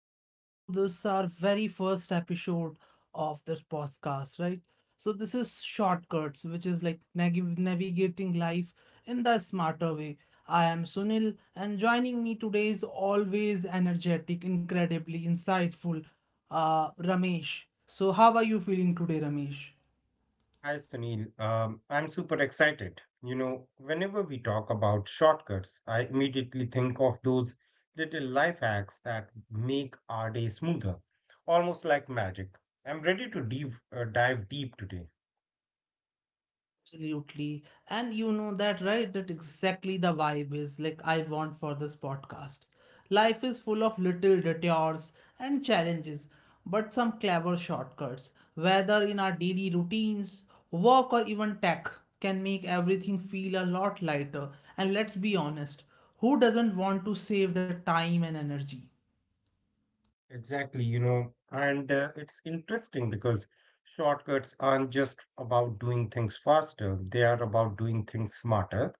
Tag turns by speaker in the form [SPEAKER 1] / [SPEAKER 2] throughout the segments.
[SPEAKER 1] welcome to this our very first episode of this podcast, right? So this is shortcuts, which is like navigating life in the smarter way. I am Sunil, and joining me today is always energetic, incredibly insightful, Ramesh. So how are you feeling today, Ramesh?
[SPEAKER 2] Hi Sunil, I'm super excited. You know, whenever we talk about shortcuts, I immediately think of those little life hacks that make our day smoother, almost like magic. I'm ready to dive deep today.
[SPEAKER 1] Absolutely. And you know that, right? That exactly the vibe is like I want for this podcast. Life is full of little detours and challenges, but some clever shortcuts, whether in our daily routines, work, or even tech, can make everything feel a lot lighter. And let's be honest, who doesn't want to save the time and energy?
[SPEAKER 2] Exactly, you know, and it's interesting because shortcuts aren't just about doing things faster, they are about doing things smarter.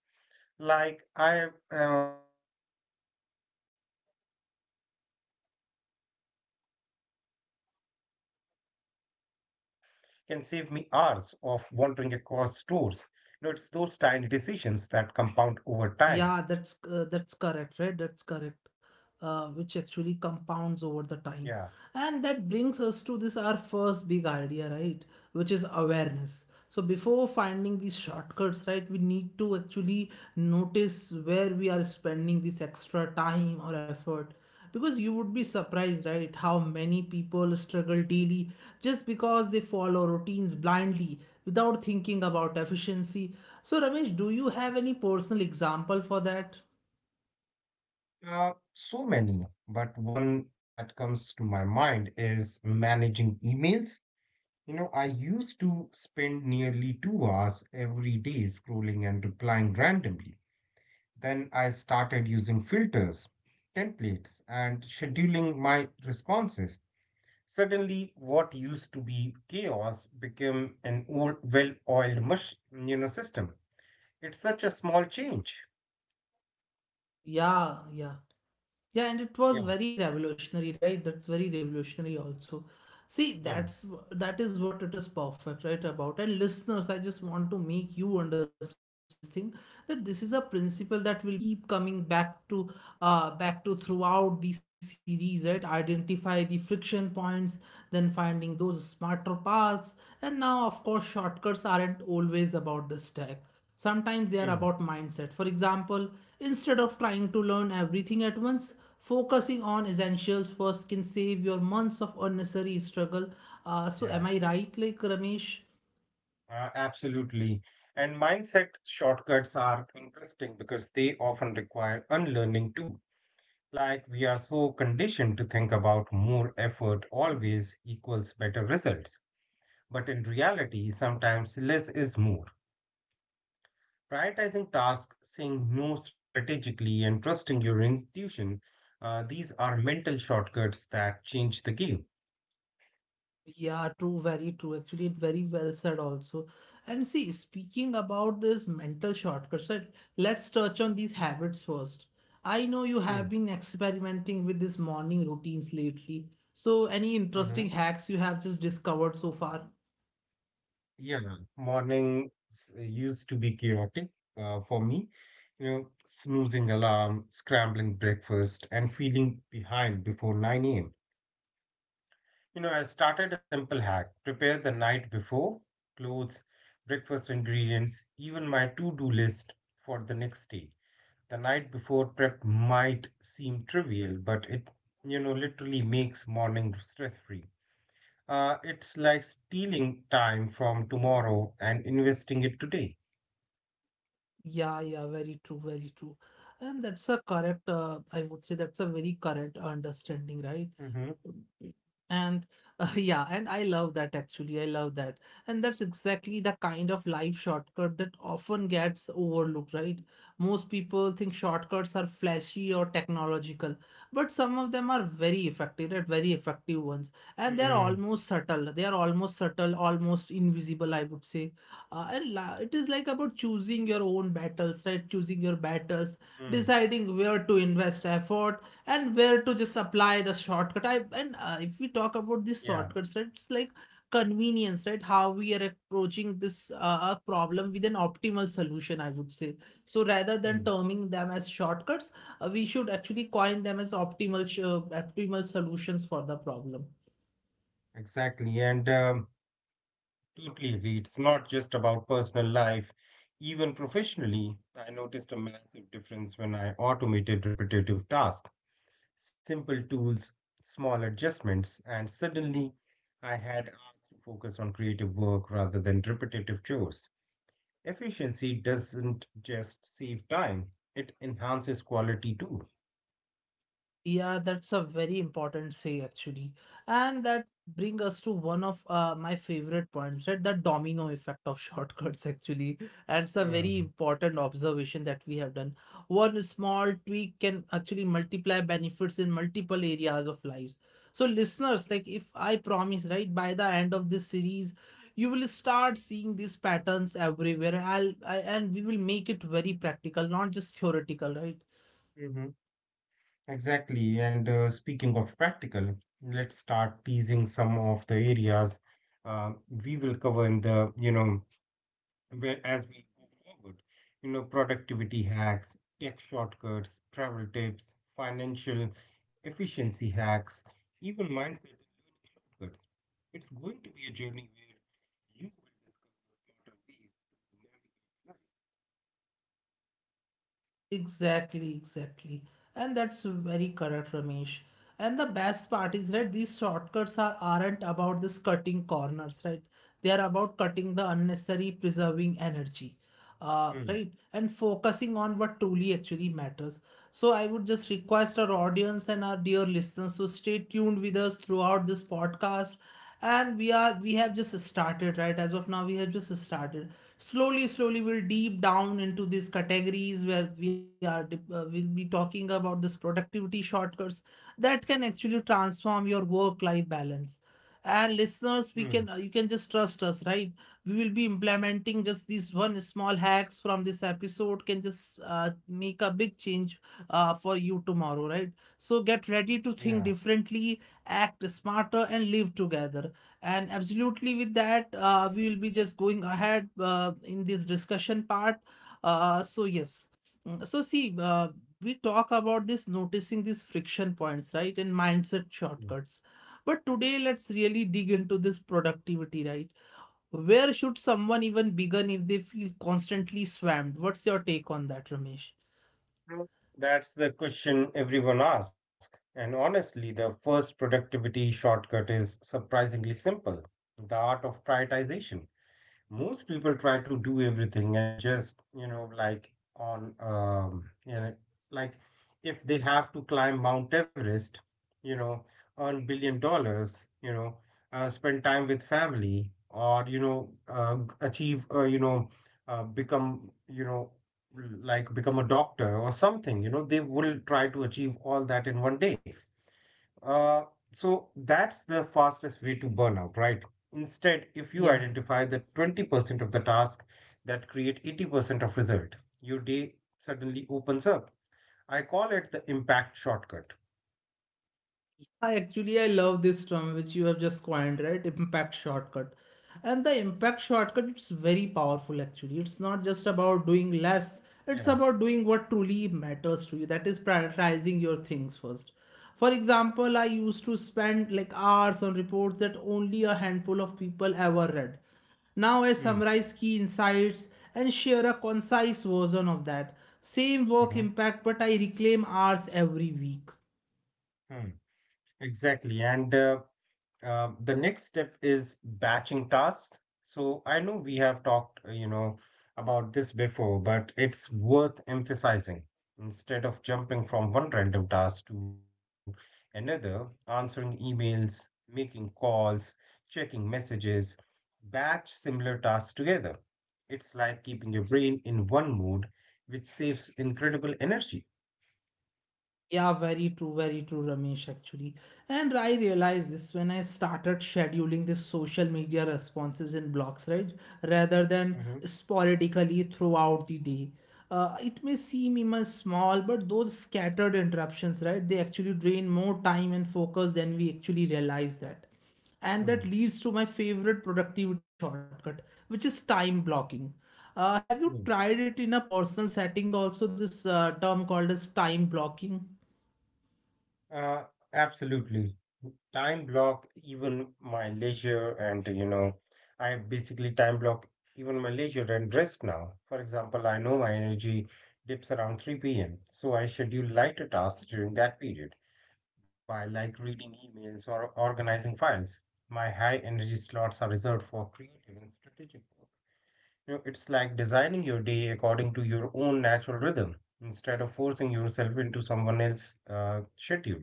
[SPEAKER 2] Like I was thinking this morning, even choosing the right app for delivery can save me hours of wandering across stores. You know, it's those tiny decisions that compound over time.
[SPEAKER 1] Yeah, that's correct, right? That's correct. Which actually compounds over the time. And that brings us
[SPEAKER 2] Yeah,
[SPEAKER 1] to this our first big idea, right? Which is awareness. So before finding these shortcuts, right, we need to actually notice where we are spending this extra time or effort. Because you would be surprised, right, how many people struggle daily just because they follow routines blindly without thinking about efficiency. So, Ramesh, do you have any personal example for that?
[SPEAKER 2] so many. But one that comes to my mind is managing emails. You know, I used to spend nearly 2 hours every day scrolling and replying randomly. Then I started using filters, templates, and scheduling my responses. Suddenly, what used to be chaos became an old, well-oiled system. It's such a small change.
[SPEAKER 1] Yeah, yeah. Yeah, and it was
[SPEAKER 2] Yeah,
[SPEAKER 1] very revolutionary, right? That's very revolutionary also. See,
[SPEAKER 2] yeah,
[SPEAKER 1] that is what it is perfect, right? About and listeners, I just want to make you understand this thing that this is a principle that will be keep coming back to throughout the series, right? Identify the friction points, then finding those smarter paths, and now of course shortcuts aren't always about this tech. Sometimes they are
[SPEAKER 2] mm,
[SPEAKER 1] about mindset. For example, instead of trying to learn everything at once, focusing on essentials first can save your months of unnecessary struggle. So,
[SPEAKER 2] yeah,
[SPEAKER 1] am I right, like Ramesh?
[SPEAKER 2] absolutely. And mindset shortcuts are interesting because they often require unlearning too. Like we are so conditioned to think about more effort always equals better results. But in reality, sometimes less is more. Prioritizing tasks, saying no strategically, and trusting your intuition, these are mental shortcuts that change the game.
[SPEAKER 1] Yeah, true, very true. Actually, very well said also. And see, speaking about this mental shortcuts, right, let's touch on these habits first. I know you have
[SPEAKER 2] Mm,
[SPEAKER 1] been experimenting with these morning routines lately. So, any
[SPEAKER 2] mhm.
[SPEAKER 1] interesting hacks you have just discovered so far?
[SPEAKER 2] Yeah, morning used to be chaotic for me. You know, snoozing alarm, scrambling breakfast, and feeling behind before 9 a.m. You know, I started a simple hack: prepare the night before, clothes, breakfast ingredients, even my to do list for the next day. The night before prep might seem trivial, but it literally makes morning stress free. It's like stealing time from tomorrow and investing it today.
[SPEAKER 1] Yeah, yeah, very true, very true. And that's a correct, I would say that's a very correct understanding, right?
[SPEAKER 2] Mm-hmm.
[SPEAKER 1] And yeah, and I love that actually. I love that. And that's exactly the kind of life shortcut that often gets overlooked, right? Most people think shortcuts are flashy or technological, but some of them are very effective, right? Very effective ones. And they're
[SPEAKER 2] Mm-hmm.
[SPEAKER 1] almost subtle. They are almost subtle, almost invisible, I would say. And la it is like about choosing your own battles, right? Choosing your battles,
[SPEAKER 2] Mm.
[SPEAKER 1] deciding where to invest effort and where to just apply the shortcut. I and If we talk about these
[SPEAKER 2] Yeah.
[SPEAKER 1] shortcuts, right, it's like convenience, right? How we are approaching this a problem with an optimal solution, I would say. So rather than
[SPEAKER 2] Mm.
[SPEAKER 1] terming them as shortcuts, we should actually coin them as optimal solutions for the problem.
[SPEAKER 2] Exactly. And Totally agree. It's not just about personal life. Even professionally, I noticed a massive difference when I automated repetitive tasks, simple tools, small adjustments, and suddenly I had hours to focus on creative work rather than repetitive chores. Efficiency doesn't just save time, it enhances quality too.
[SPEAKER 1] Yeah, that's a very important say actually. And that bring us to one of my favorite points, right? The domino effect of shortcuts actually. And it's a very
[SPEAKER 2] Hmm.
[SPEAKER 1] important observation that we have done. One small tweak can actually multiply benefits in multiple areas of lives. So listeners, like if I promise, right, by the end of this series, you will start seeing these patterns everywhere. And we will make it very practical, not just theoretical, right?
[SPEAKER 2] Mhm. Exactly. And Speaking of practical, let's start teasing some of the areas uh, we will cover in the, as we go forward. You know, productivity hacks, tech shortcuts, travel tips, financial efficiency hacks, even mindset and learning shortcuts. It's going to be a journey where you will discover smarter ways to
[SPEAKER 1] Exactly, exactly. And that's very correct, Ramesh. And the best part is, right, these shortcuts aren't about this cutting corners, right? They are about cutting the unnecessary, preserving energy, right? And focusing on what truly actually matters. So I would just request our audience and our dear listeners to stay tuned with us throughout this podcast, and we have just started, right? As of now we have just started, slowly slowly we'll deep down into these categories where we we'll be talking about this productivity shortcuts that can actually transform your work life balance. And listeners, we
[SPEAKER 2] navigate life.
[SPEAKER 1] can you can just trust us, right? We will be implementing just these one small hacks from this episode can just make a big change for you tomorrow, right? So get ready to
[SPEAKER 2] Hmm. Hmm. Yeah.
[SPEAKER 1] think differently, act smarter, and live together. And absolutely, with that we will be just going ahead in this discussion part. Uh, so yes Mm, so see uh, we talk about this noticing these friction points, right, and mindset shortcuts, but today let's really dig into this productivity, right? Where should someone even begin if they feel constantly swamped? What's your take on that, Ramesh?
[SPEAKER 2] That's the question everyone asks. And honestly, the first productivity shortcut is surprisingly simple: the art of prioritization. Most people try to do everything and just you know like on you know like if they have to climb Mount Everest, you know earn billion dollars, spend time with family, or achieve become, like become a doctor or something. You know, they will try to achieve all that in one day. uh, so that's the fastest way to burnout, right? Instead, if you
[SPEAKER 1] Yeah.
[SPEAKER 2] identify the 20% of the task that create 80% of result, your day suddenly opens up. I call it the impact shortcut.
[SPEAKER 1] I actually I love this term which you have just coined, right? Impact shortcut. And the impact shortcut, it's very powerful actually. It's not just about doing less, it's
[SPEAKER 2] Yeah.
[SPEAKER 1] about doing what truly matters to you. That is prioritizing your things first. For example, I used to spend like hours on reports that only a handful of people ever read. Now I
[SPEAKER 2] Hmm.
[SPEAKER 1] summarize key insights and share a concise version of that. Same work
[SPEAKER 2] Mhm,
[SPEAKER 1] impact, but I reclaim hours every week.
[SPEAKER 2] hmm. Exactly. And The next step is batching tasks. So I know we have talked about this before, but it's worth emphasizing. Instead of jumping from one random task to another, answering emails, making calls, checking messages, batch similar tasks together. It's like keeping your brain in one mode, which saves incredible energy.
[SPEAKER 1] Yeah, very true, Ramesh, actually. And I realized this when I started scheduling this social media responses in blocks, right? Rather
[SPEAKER 2] Hmm.
[SPEAKER 1] than sporadically throughout the day. It may seem even small, but those scattered interruptions, right? They actually drain more time and focus than we actually realize that, and that leads to my favorite productivity shortcut, which is time blocking. Have you tried it in a personal setting also, this term called as time blocking?
[SPEAKER 2] Absolutely. Time block even my leisure and, you know, I basically time block even my leisure and rest now. For example, I know my energy dips around 3 p.m., so I schedule lighter tasks during that period, by like reading emails or organizing files. My high energy slots are reserved for creative and strategic work. You know, it's like designing your day according to your own natural rhythm instead of forcing yourself into someone else's schedule.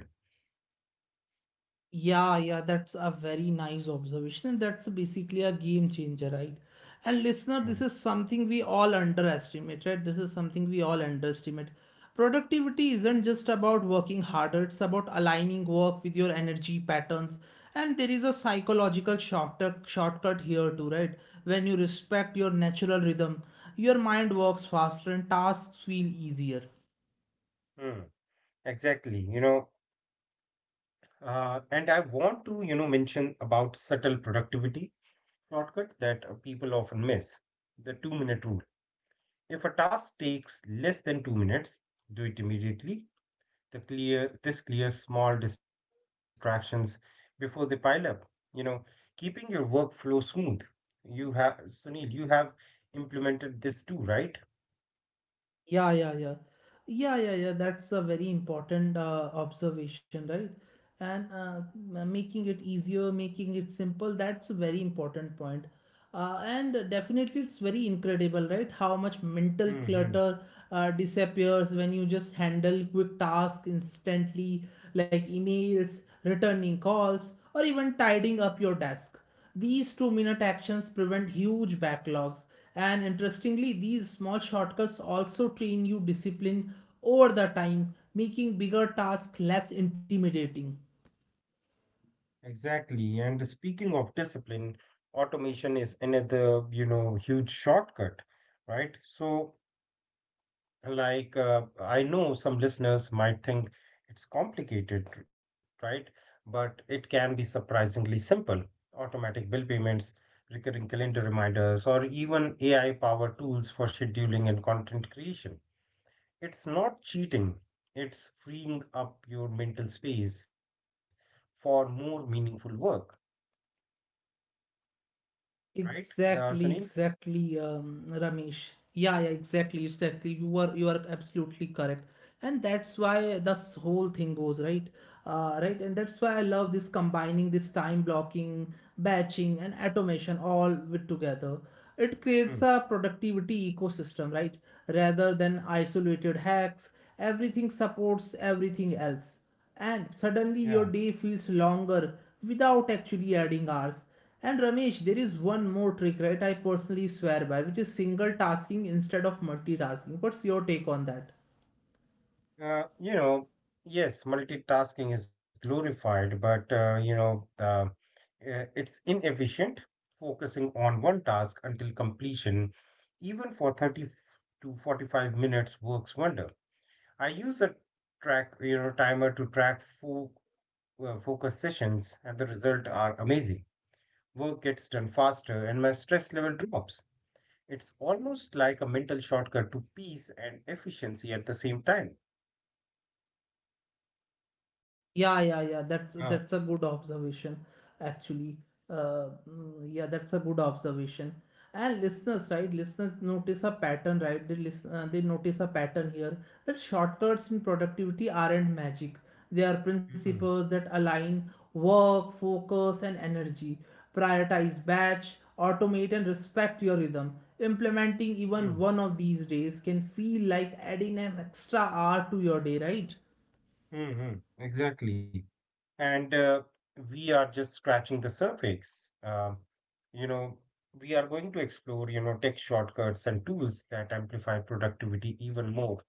[SPEAKER 1] Yeah, yeah, that's a very nice observation. That's basically a game changer, right? And listener,
[SPEAKER 2] Hmm.
[SPEAKER 1] this is something we all underestimate, right? This is something we all underestimate. Productivity isn't just about working harder, it's about aligning work with your energy patterns. And there is a psychological shortcut here too, right? When you respect your natural rhythm, your mind works faster and tasks feel easier.
[SPEAKER 2] Hmm. Exactly. You know, and I want to mention about subtle productivity shortcut that people often miss, the two-minute rule. If a task takes less than 2 minutes, do it immediately. This clears small distractions before they pile up. You know, keeping your workflow smooth. You have, Sunil, you have implemented this too, right?
[SPEAKER 1] Yeah, yeah, yeah. Yeah, yeah, yeah. That's a very important observation, right? and Making it easier, making it simple. That's a very important point. And definitely, it's very incredible, right? How much mental
[SPEAKER 2] Hmm.
[SPEAKER 1] clutter disappears when you just handle quick tasks instantly, like emails, returning calls, or even tidying up your desk. These 2-minute actions prevent huge backlogs. And interestingly, these small shortcuts also train you discipline over the time, making bigger tasks less intimidating.
[SPEAKER 2] Exactly. And speaking of discipline, automation is another, you know, huge shortcut, right? So, like, I know some listeners might think it's complicated, right? But it can be surprisingly simple. Automatic bill payments, recurring calendar reminders, or even AI-powered tools for scheduling and content creation. It's not cheating, it's freeing up your mental space for more meaningful work. Right, Sunil?
[SPEAKER 1] Exactly, exactly, Ramesh. Yeah, yeah, exactly, exactly. You are absolutely correct, and that's why this whole thing goes right, right, and that's why I love this combining this time blocking, batching, and automation all with together. It
[SPEAKER 2] Hmm.
[SPEAKER 1] creates a productivity ecosystem, right, rather than isolated hacks. Everything supports everything else and suddenly
[SPEAKER 2] Yeah.
[SPEAKER 1] your day feels longer without actually adding hours. And Ramesh, there is one more trick, right? I personally swear by, which is single tasking instead of multitasking. What's your take on that?
[SPEAKER 2] Uh, you know, yes, multitasking is glorified, but it's inefficient. Focusing on one task until completion, even for 30 to 45 minutes, works wonder. I use a timer to track fo focus sessions, and the results are amazing. Work gets done faster, and my stress level drops. It's almost like a mental shortcut to peace and efficiency at the same time.
[SPEAKER 1] Yeah, yeah, yeah.
[SPEAKER 2] Uh,
[SPEAKER 1] That's a good observation, actually. Yeah, that's a good observation. And listeners, right? Listeners notice a pattern, right? They notice a pattern here that shortcuts in productivity aren't magic. They are
[SPEAKER 2] mm,
[SPEAKER 1] principles that align work, focus, and energy. Prioritize batch, automate, and respect your rhythm. Implementing even one
[SPEAKER 2] mm,
[SPEAKER 1] of these days can feel like adding an extra hour to your day, right?
[SPEAKER 2] mm, mm, exactly. And We are just scratching the surface. You know, we are going to explore, you know, tech shortcuts and tools that amplify productivity even more.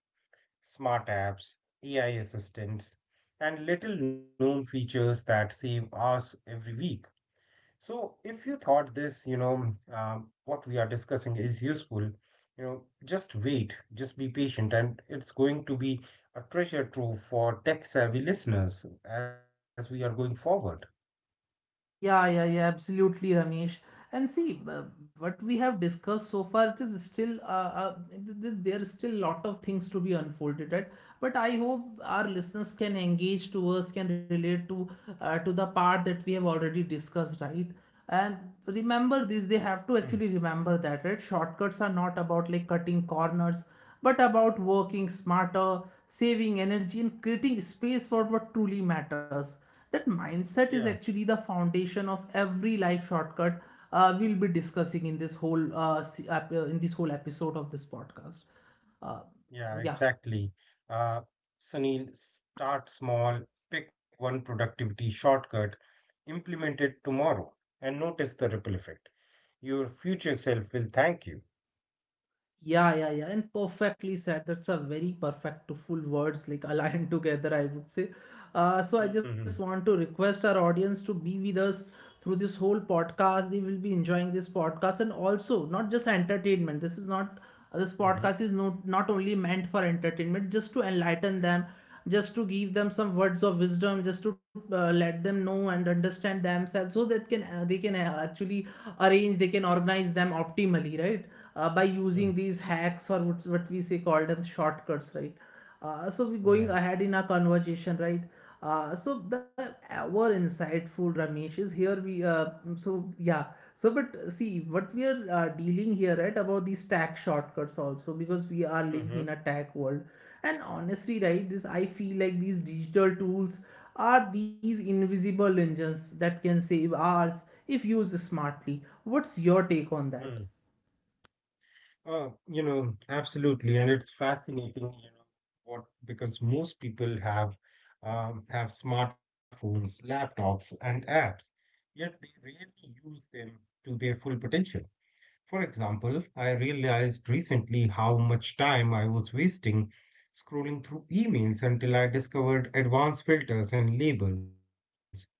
[SPEAKER 2] Smart apps, AI assistants, and little known features that save hours every week. So, if you thought what we are discussing is useful, you know, just wait, just be patient, and it's going to be a treasure trove for tech-savvy listeners as we are going forward.
[SPEAKER 1] Yeah, yeah, yeah, absolutely, Ramesh. And see, what we have discussed so far, it is still there is still lot of things to be unfolded, right? But I hope our listeners can engage to us, can relate to the part that we have already discussed, right? And remember this, they
[SPEAKER 2] Hmm.
[SPEAKER 1] have to actually remember that, right? Shortcuts are not about like cutting corners, but about working smarter, saving energy, and creating space for what truly matters. That mindset is
[SPEAKER 2] Yeah,
[SPEAKER 1] actually the foundation of every life shortcut we'll be discussing in this whole in this whole episode of this podcast. Uh,
[SPEAKER 2] yeah,
[SPEAKER 1] yeah,
[SPEAKER 2] exactly. Uh, Sunil, start small, pick one productivity shortcut, implement it tomorrow, and notice the ripple effect. Your future self will thank you.
[SPEAKER 1] yeah, yeah, yeah, and perfectly said. That's a very perfect to full words like aligned together, I would say. So I just
[SPEAKER 2] Mm-hmm,
[SPEAKER 1] want to request our audience to be with us through this whole podcast. They will be enjoying this podcast and also not just entertainment. This
[SPEAKER 2] mm-hmm,
[SPEAKER 1] podcast is not not only meant for entertainment, just to enlighten them, just to give them some words of wisdom, just to let them know and understand themselves, so that can they can actually arrange, they can organize them optimally, right? By using
[SPEAKER 2] mm,
[SPEAKER 1] these hacks or what we say call them shortcuts, right? So we're going
[SPEAKER 2] yeah.
[SPEAKER 1] ahead in our conversation, right? So the our insightful Ramesh is here. We so yeah. So but see what we are dealing here, right? About these tag shortcuts also, because we are living in
[SPEAKER 2] Mm-hmm.
[SPEAKER 1] a tag world, and honestly, right? This, I feel like these digital tools are these invisible engines that can save ours if used smartly. What's your take on that?
[SPEAKER 2] Absolutely, and it's fascinating, you know, what because most people have smartphones, laptops, and apps, yet they rarely use them to their full potential. For example, I realized recently how much time I was wasting scrolling through emails until I discovered advanced filters and labels.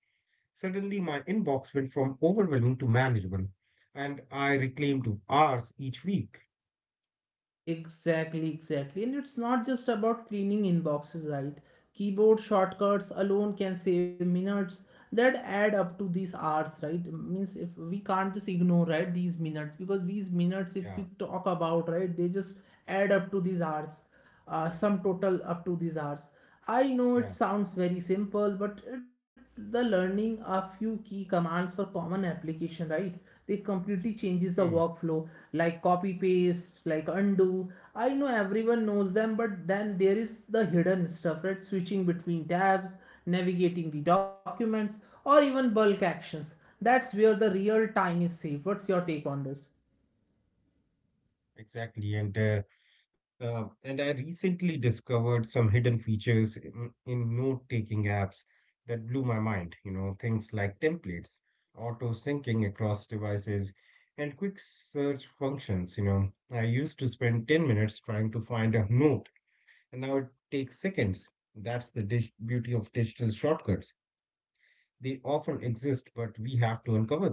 [SPEAKER 2] Suddenly, my inbox went from overwhelming to manageable, and I reclaimed hours each week.
[SPEAKER 1] Exactly, exactly. And it's not just about cleaning inboxes, right? Keyboard shortcuts alone can save minutes that add up to these hours, right? Means if we can't just ignore, right, these minutes, because these minutes, if we talk
[SPEAKER 2] Yeah.
[SPEAKER 1] about, right, they just add up to these hours, sum total up to these hours. I know it sounds very
[SPEAKER 2] Yeah,
[SPEAKER 1] simple, but it's the learning a few key commands for common application, right? They completely changes the
[SPEAKER 2] mm,
[SPEAKER 1] workflow, like copy paste, like undo. I know everyone knows them, but then there is the hidden stuff, right? Switching between tabs, navigating the documents, or even bulk actions. That's where the real time is saved. What's your take on this?
[SPEAKER 2] exactly. And I recently discovered some hidden features in note-taking apps that blew my mind. You know, things like templates, auto syncing across devices, and quick search functions. You know, I used to spend 10 minutes trying to find a note, and now it takes seconds. That's the dig beauty of digital shortcuts. They often exist, but we have to uncover them.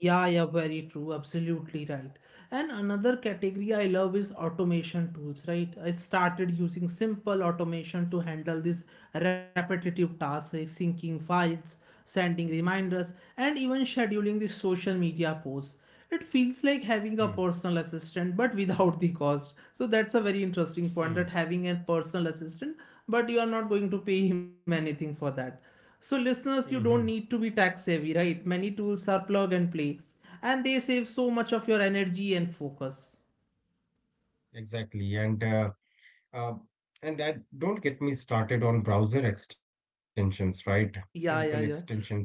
[SPEAKER 1] Yeah, yeah, very true. Absolutely right. And another category I love is automation tools, right? I started using simple automation to handle these repetitive tasks like syncing files, sending reminders, and even scheduling the social media posts. It feels like having a
[SPEAKER 2] Mm,
[SPEAKER 1] personal assistant but without the cost. So that's a very interesting point,
[SPEAKER 2] mm,
[SPEAKER 1] that having a personal assistant, but you are not going to pay him anything for that. So, listeners, you
[SPEAKER 2] hmm.
[SPEAKER 1] don't need to be tech savvy, right? Many tools are plug and play, and they save so much of your energy and focus.
[SPEAKER 2] Exactly. Uh, and I don't get me started on browser extensions, right? Simple
[SPEAKER 1] Yeah, yeah, yeah.
[SPEAKER 2] extensions can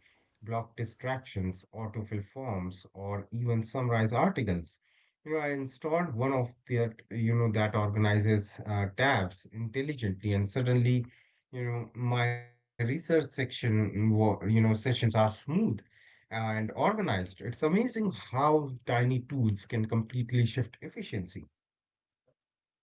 [SPEAKER 2] block distractions, autofill forms, or even summarize articles. You know, I installed one of the that organizes tabs intelligently, and suddenly, you know, my research section, wa- you know, sessions are smooth and organized. It's amazing how tiny tools can completely shift efficiency.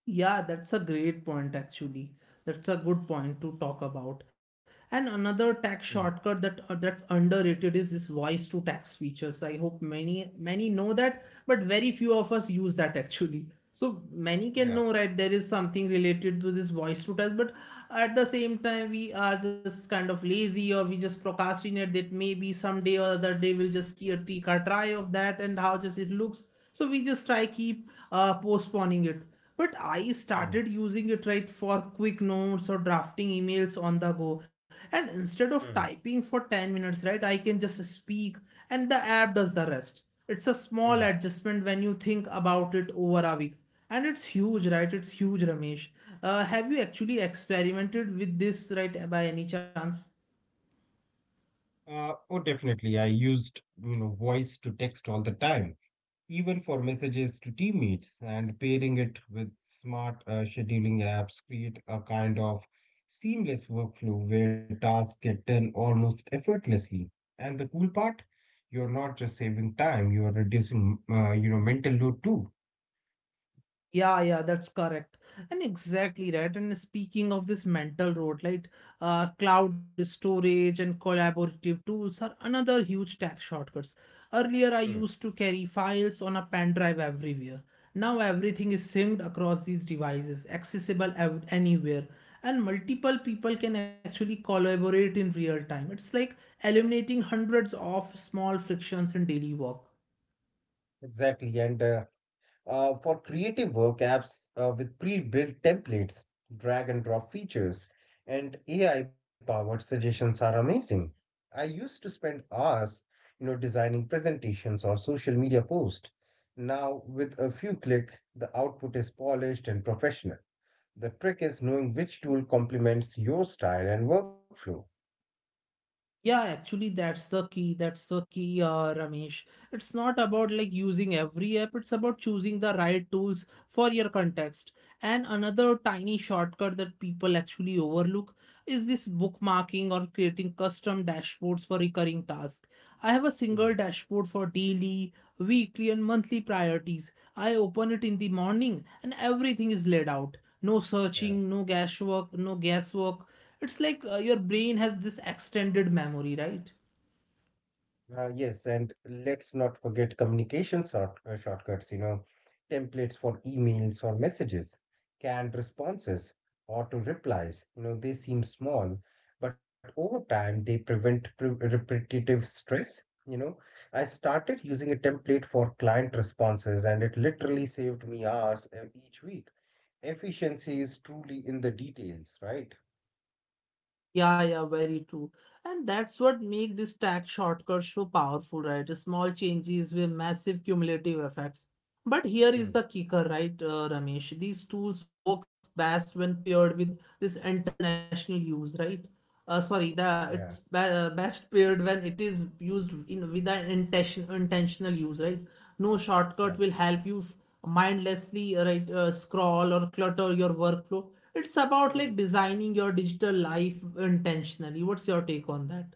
[SPEAKER 1] Yeah, that's a great point actually. That's a good point to talk about. And another tax
[SPEAKER 2] Mm,
[SPEAKER 1] shortcut that that's underrated is this voice to tax features. I hope many many know that, but very few of us use that actually. So many
[SPEAKER 2] yeah.
[SPEAKER 1] can know, right, there is something related to this voice to tax, but at the same time we are just kind of lazy, or we just procrastinate that maybe someday or other day we'll just take a try of that and how just it looks. So we just try keep postponing it, but I
[SPEAKER 2] Mm,
[SPEAKER 1] started using it, right, for quick notes or drafting emails on the go. And instead of
[SPEAKER 2] mm.
[SPEAKER 1] typing for 10 minutes, right, I can just speak and the app does the rest. It's a small
[SPEAKER 2] Mm.
[SPEAKER 1] adjustment when you think about it over a week. And it's huge, right? It's huge, Ramesh. Have you actually experimented with this, right, by any chance?
[SPEAKER 2] Oh, definitely. I used, you know, voice to text all the time, even for messages to teammates, and pairing it with smart scheduling apps create a kind of seamless workflow where tasks get done almost effortlessly. And the cool part, you're not just saving time, you are reducing, mental load too.
[SPEAKER 1] Yeah, yeah, that's correct. And exactly right. And speaking of this mental road, like, cloud storage and collaborative tools are another huge tech shortcuts. Earlier, I
[SPEAKER 2] Mm.
[SPEAKER 1] used to carry files on a pen drive everywhere. Now everything is synced across these devices, accessible anywhere, and multiple people can actually collaborate in real time. It's like eliminating hundreds of small frictions in daily work.
[SPEAKER 2] Exactly. And For creative work apps with pre-built templates, drag and drop features, and AI-powered suggestions are amazing. I used to spend hours, you know, designing presentations or social media posts. Now, with a few click, the output is polished and professional. The trick is knowing which tool complements your style and workflow.
[SPEAKER 1] Yeah, actually, that's the key. That's the key, Ramesh. It's not about like using every app, it's about choosing the right tools for your context. And another tiny shortcut that people actually overlook is this bookmarking or creating custom dashboards for recurring tasks. I have a
[SPEAKER 2] Mm,
[SPEAKER 1] single dashboard for daily, weekly, and monthly priorities. I open it in the morning and everything is laid out. No
[SPEAKER 2] yeah.
[SPEAKER 1] searching, no guesswork, no guesswork. It's like your brain has this extended memory, right?
[SPEAKER 2] Yes, and let's not forget shortcuts, you know, templates for emails or messages, canned responses, auto replies. You know, they seem small, but over time they prevent repetitive stress. You know, I started using a template for client responses, and it literally saved me hours each week. Efficiency is truly in the details, right?
[SPEAKER 1] Yeah, yeah, very true. And that's what make this tax shortcut so powerful, right? Small changes with massive cumulative effects. But here is
[SPEAKER 2] Mm,
[SPEAKER 1] the kicker, right, Ramesh? These tools works best when paired with this international use, right? Sorry,
[SPEAKER 2] yeah,
[SPEAKER 1] best paired when it is used in with an intentional use, right? No
[SPEAKER 2] yeah.
[SPEAKER 1] shortcut will help you mindlessly, right, scroll or clutter your workflow. It's about
[SPEAKER 2] Hmm.
[SPEAKER 1] like designing your digital life intentionally. What's your take on that?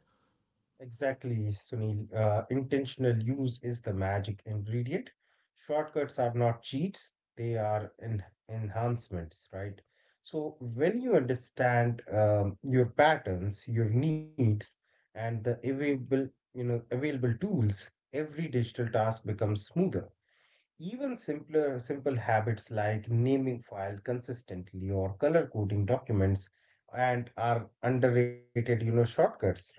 [SPEAKER 2] Exactly, Sunil. Intentional use is the magic ingredient. Shortcuts are not cheats, they are enhancements, right? So, when you understand your patterns, your needs, and the available tools, every digital task becomes smoother. Even simpler, simple habits like naming file consistently or color coding documents and are underrated, you know, shortcuts, right?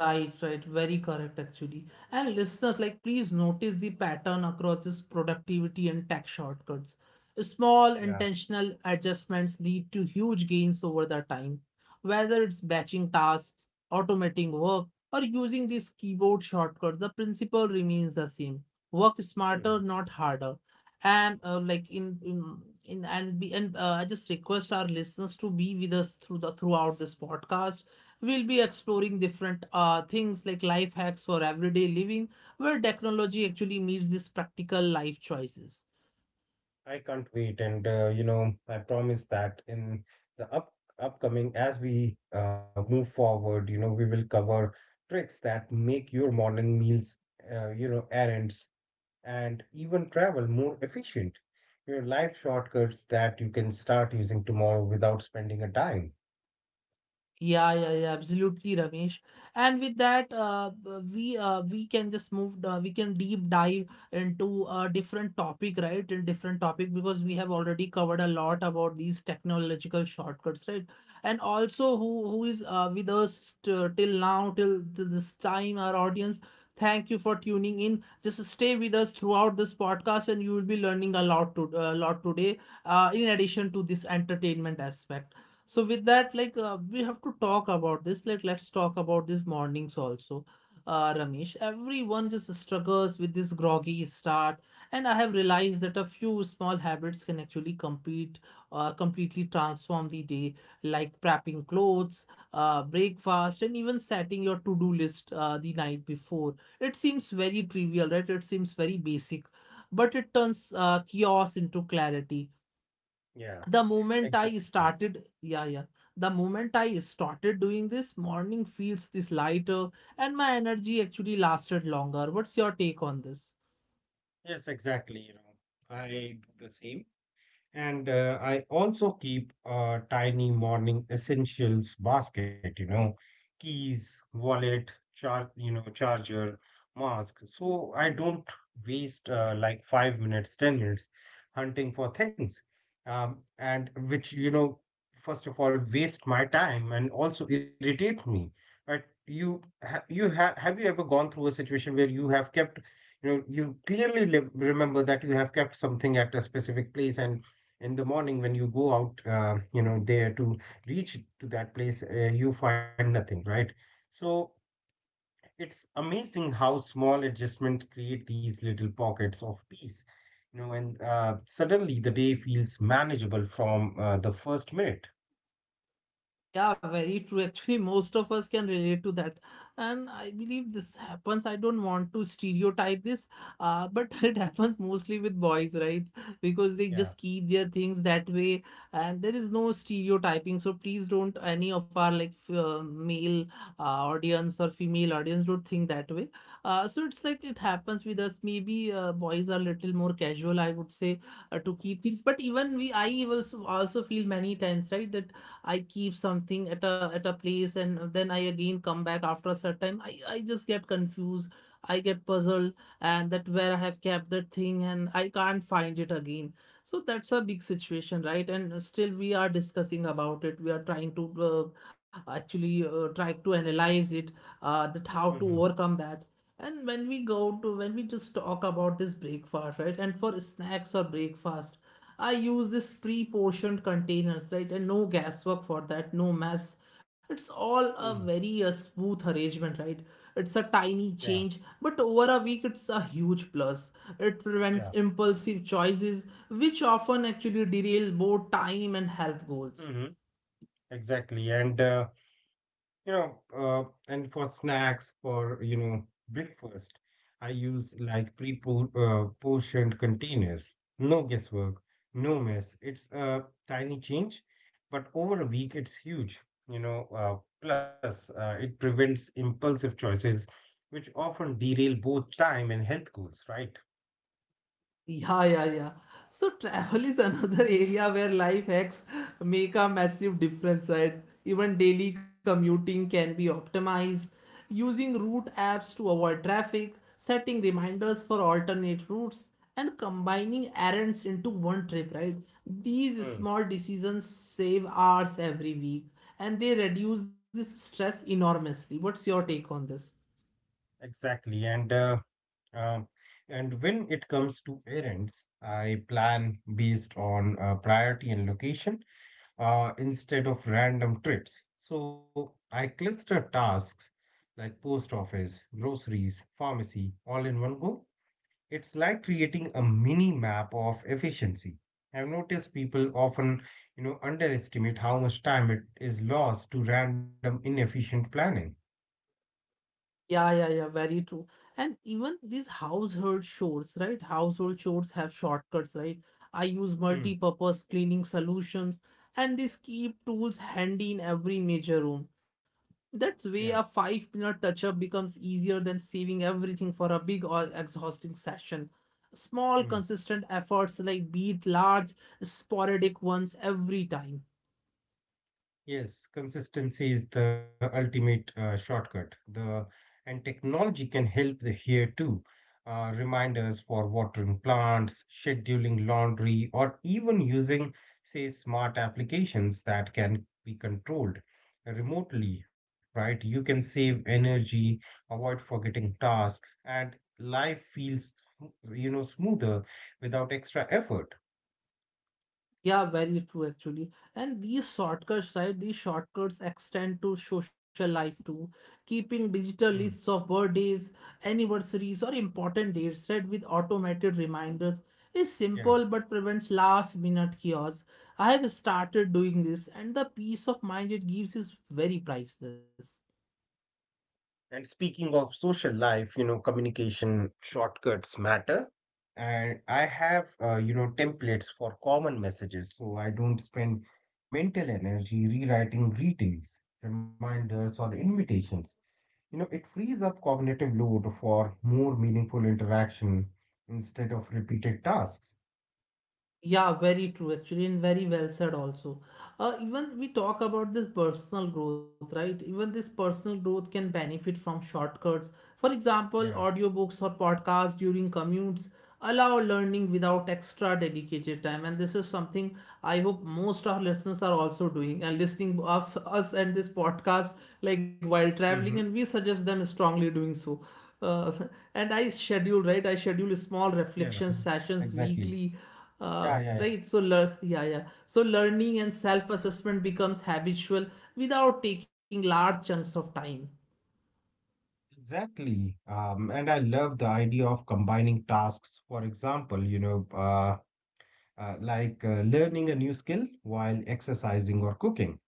[SPEAKER 1] Right, right, very correct actually. And listeners, like, please notice the pattern across this productivity and tax shortcuts. Small
[SPEAKER 2] Yeah.
[SPEAKER 1] intentional adjustments lead to huge gains over the time, whether it's batching tasks, automating work, or using these keyboard shortcuts. The principle remains the same: work smarter, not harder. And like in and be and I just request our listeners to be with us through the throughout this podcast. We'll be exploring different things like life hacks for everyday living, where technology actually meets these practical life choices.
[SPEAKER 2] I can't wait, and, you know, I promise that in the up upcoming, as we move forward, you know, we will cover tricks that make your morning meals, errands, and even travel more efficient. Your life shortcuts that you can start using tomorrow without spending a dime.
[SPEAKER 1] Yeah, yeah, yeah, absolutely, Ramesh. And with that, we can just move. We can deep dive into a different topic, right? In different topic, because we have already covered a lot about these technological shortcuts, right? And also, who is with us till now, till this time, our audience. Thank you for tuning in. Just stay with us throughout this podcast, and you will be learning a lot to a lot today. In addition to this entertainment aspect. So with that, like, we have to talk about this. Let's talk about these mornings also, Ramesh. Everyone just struggles with this groggy start, and I have realized that a few small habits can actually completely transform the day, like prepping clothes, breakfast, and even setting your to-do list the night before. It seems very trivial, right? It seems very basic, but it turns chaos into clarity.
[SPEAKER 2] Yeah,
[SPEAKER 1] The moment I
[SPEAKER 2] exactly.
[SPEAKER 1] started, yeah, yeah. The moment I started doing this, morning feels this lighter and my energy actually lasted longer. What's your take on this?
[SPEAKER 2] Yes, exactly. You know, I do the same. And I also keep a tiny morning essentials basket, you know, keys, wallet, charger, mask. So I don't waste like 5 minutes, 10 minutes hunting for things. And which, first of all, waste my time and also irritate me. But you ha have you ever gone through a situation where you have kept, you know, you clearly li remember that you have kept something at a specific place, and in the morning when you go out you know there to reach to that place, you find nothing, right? So it's amazing how small adjustments create these little pockets of peace, you know. And suddenly the day feels manageable from the first minute.
[SPEAKER 1] Yeah, very true. Actually, most of us can relate to that. And I believe this happens. I don't want to stereotype this, but it happens mostly with boys, right? Because they
[SPEAKER 2] Yeah.
[SPEAKER 1] just keep their things that way, and there is no stereotyping. So please don't any of our like male audience or female audience don't think that way. So it's like it happens with us. Maybe boys are little more casual, I would say, to keep things. But even we, I also also feel many times, right, that I keep something at a place, and then I again come back after a certain time. I just get confused. I get puzzled, and that where I have kept that thing and I can't find it again. So that's a big situation, right? And still we are discussing about it. We are trying to actually try to analyze it, that how to
[SPEAKER 2] Hmm.
[SPEAKER 1] overcome that. And when we go to when we just talk about this breakfast, right? And for snacks or breakfast, I use this pre-portioned containers, right? And no guesswork for that, no mess. It's all a
[SPEAKER 2] Mm.
[SPEAKER 1] very smooth arrangement, right? It's a tiny
[SPEAKER 2] Yeah,
[SPEAKER 1] change, but over a week it's a huge plus. It
[SPEAKER 2] yeah.
[SPEAKER 1] prevents impulsive choices, which often actually derail both time and health goals.
[SPEAKER 2] Hmm. Exactly. and You know, and for snacks, for, you know, breakfast, I use like pre-portioned containers. No guesswork, no mess. It's a tiny change, but over a week it's huge, you know. Plus, it prevents impulsive choices, which often derail both time and health goals, right?
[SPEAKER 1] Yeah, yeah, yeah. So travel is another area where life hacks make a massive difference, right? Even daily commuting can be optimized, using route apps to avoid traffic, setting reminders for alternate routes, and combining errands into one trip, right? These
[SPEAKER 2] Mm.
[SPEAKER 1] small decisions save hours every week and they reduce this stress enormously. What's your take on this?
[SPEAKER 2] Exactly. And um, and when it comes to errands, I plan based on priority and location, instead of random trips. So I cluster tasks like post office, groceries, pharmacy, all in one go. It's like creating a mini map of efficiency. I've noticed people often, you know, underestimate how much time it is lost to random inefficient planning.
[SPEAKER 1] Yeah, yeah, yeah, very true. And even these household chores, right? Household chores have shortcuts, right? I use
[SPEAKER 2] Hmm.
[SPEAKER 1] multi-purpose cleaning solutions and these keep tools handy in every major room. That's way
[SPEAKER 2] Yeah.
[SPEAKER 1] a five-minute touch-up becomes easier than saving everything for a big or exhausting session. Small, consistent efforts like beat large, sporadic ones every time.
[SPEAKER 2] Yes, consistency is the ultimate shortcut. The And technology can help the here too. Reminders for watering plants, scheduling laundry, or even using, say, smart applications that can be controlled remotely, right? You can save energy, avoid forgetting tasks, and life feels, you know, smoother without extra effort.
[SPEAKER 1] Yeah, very true actually. And these shortcuts, right? These shortcuts extend to social life too. Keeping digital lists
[SPEAKER 2] Hmm.
[SPEAKER 1] of birthdays, anniversaries, or important dates, right, with automated reminders is simple
[SPEAKER 2] Yeah.
[SPEAKER 1] but prevents last minute chaos. I have started doing this, and the peace of mind it gives is very priceless.
[SPEAKER 2] And speaking of social life, you know, communication shortcuts matter. And I have, you know, templates for common messages so I don't spend mental energy rewriting greetings, reminders, or invitations. You know, it frees up cognitive load for more meaningful interaction instead of repeated tasks.
[SPEAKER 1] Yeah, very true actually, and very well said also. Even we talk about this personal growth, right? Even this personal growth can benefit from shortcuts. For example,
[SPEAKER 2] Yeah.
[SPEAKER 1] audiobooks or podcasts during commutes allow learning without extra dedicated time. And this is something I hope most our listeners are also doing and listening of us and this podcast like while
[SPEAKER 2] Mm-hmm.
[SPEAKER 1] traveling, and we suggest them strongly doing so. Uh, and I schedule, right? I schedule small
[SPEAKER 2] Yeah.
[SPEAKER 1] reflection sessions
[SPEAKER 2] Exactly.
[SPEAKER 1] weekly,
[SPEAKER 2] Yeah, yeah, yeah.
[SPEAKER 1] right. So, yeah, yeah. So, learning and self assessment becomes habitual without taking large chunks of time.
[SPEAKER 2] Exactly. And I love the idea of combining tasks. For example, you know, like learning a new skill while exercising or cooking.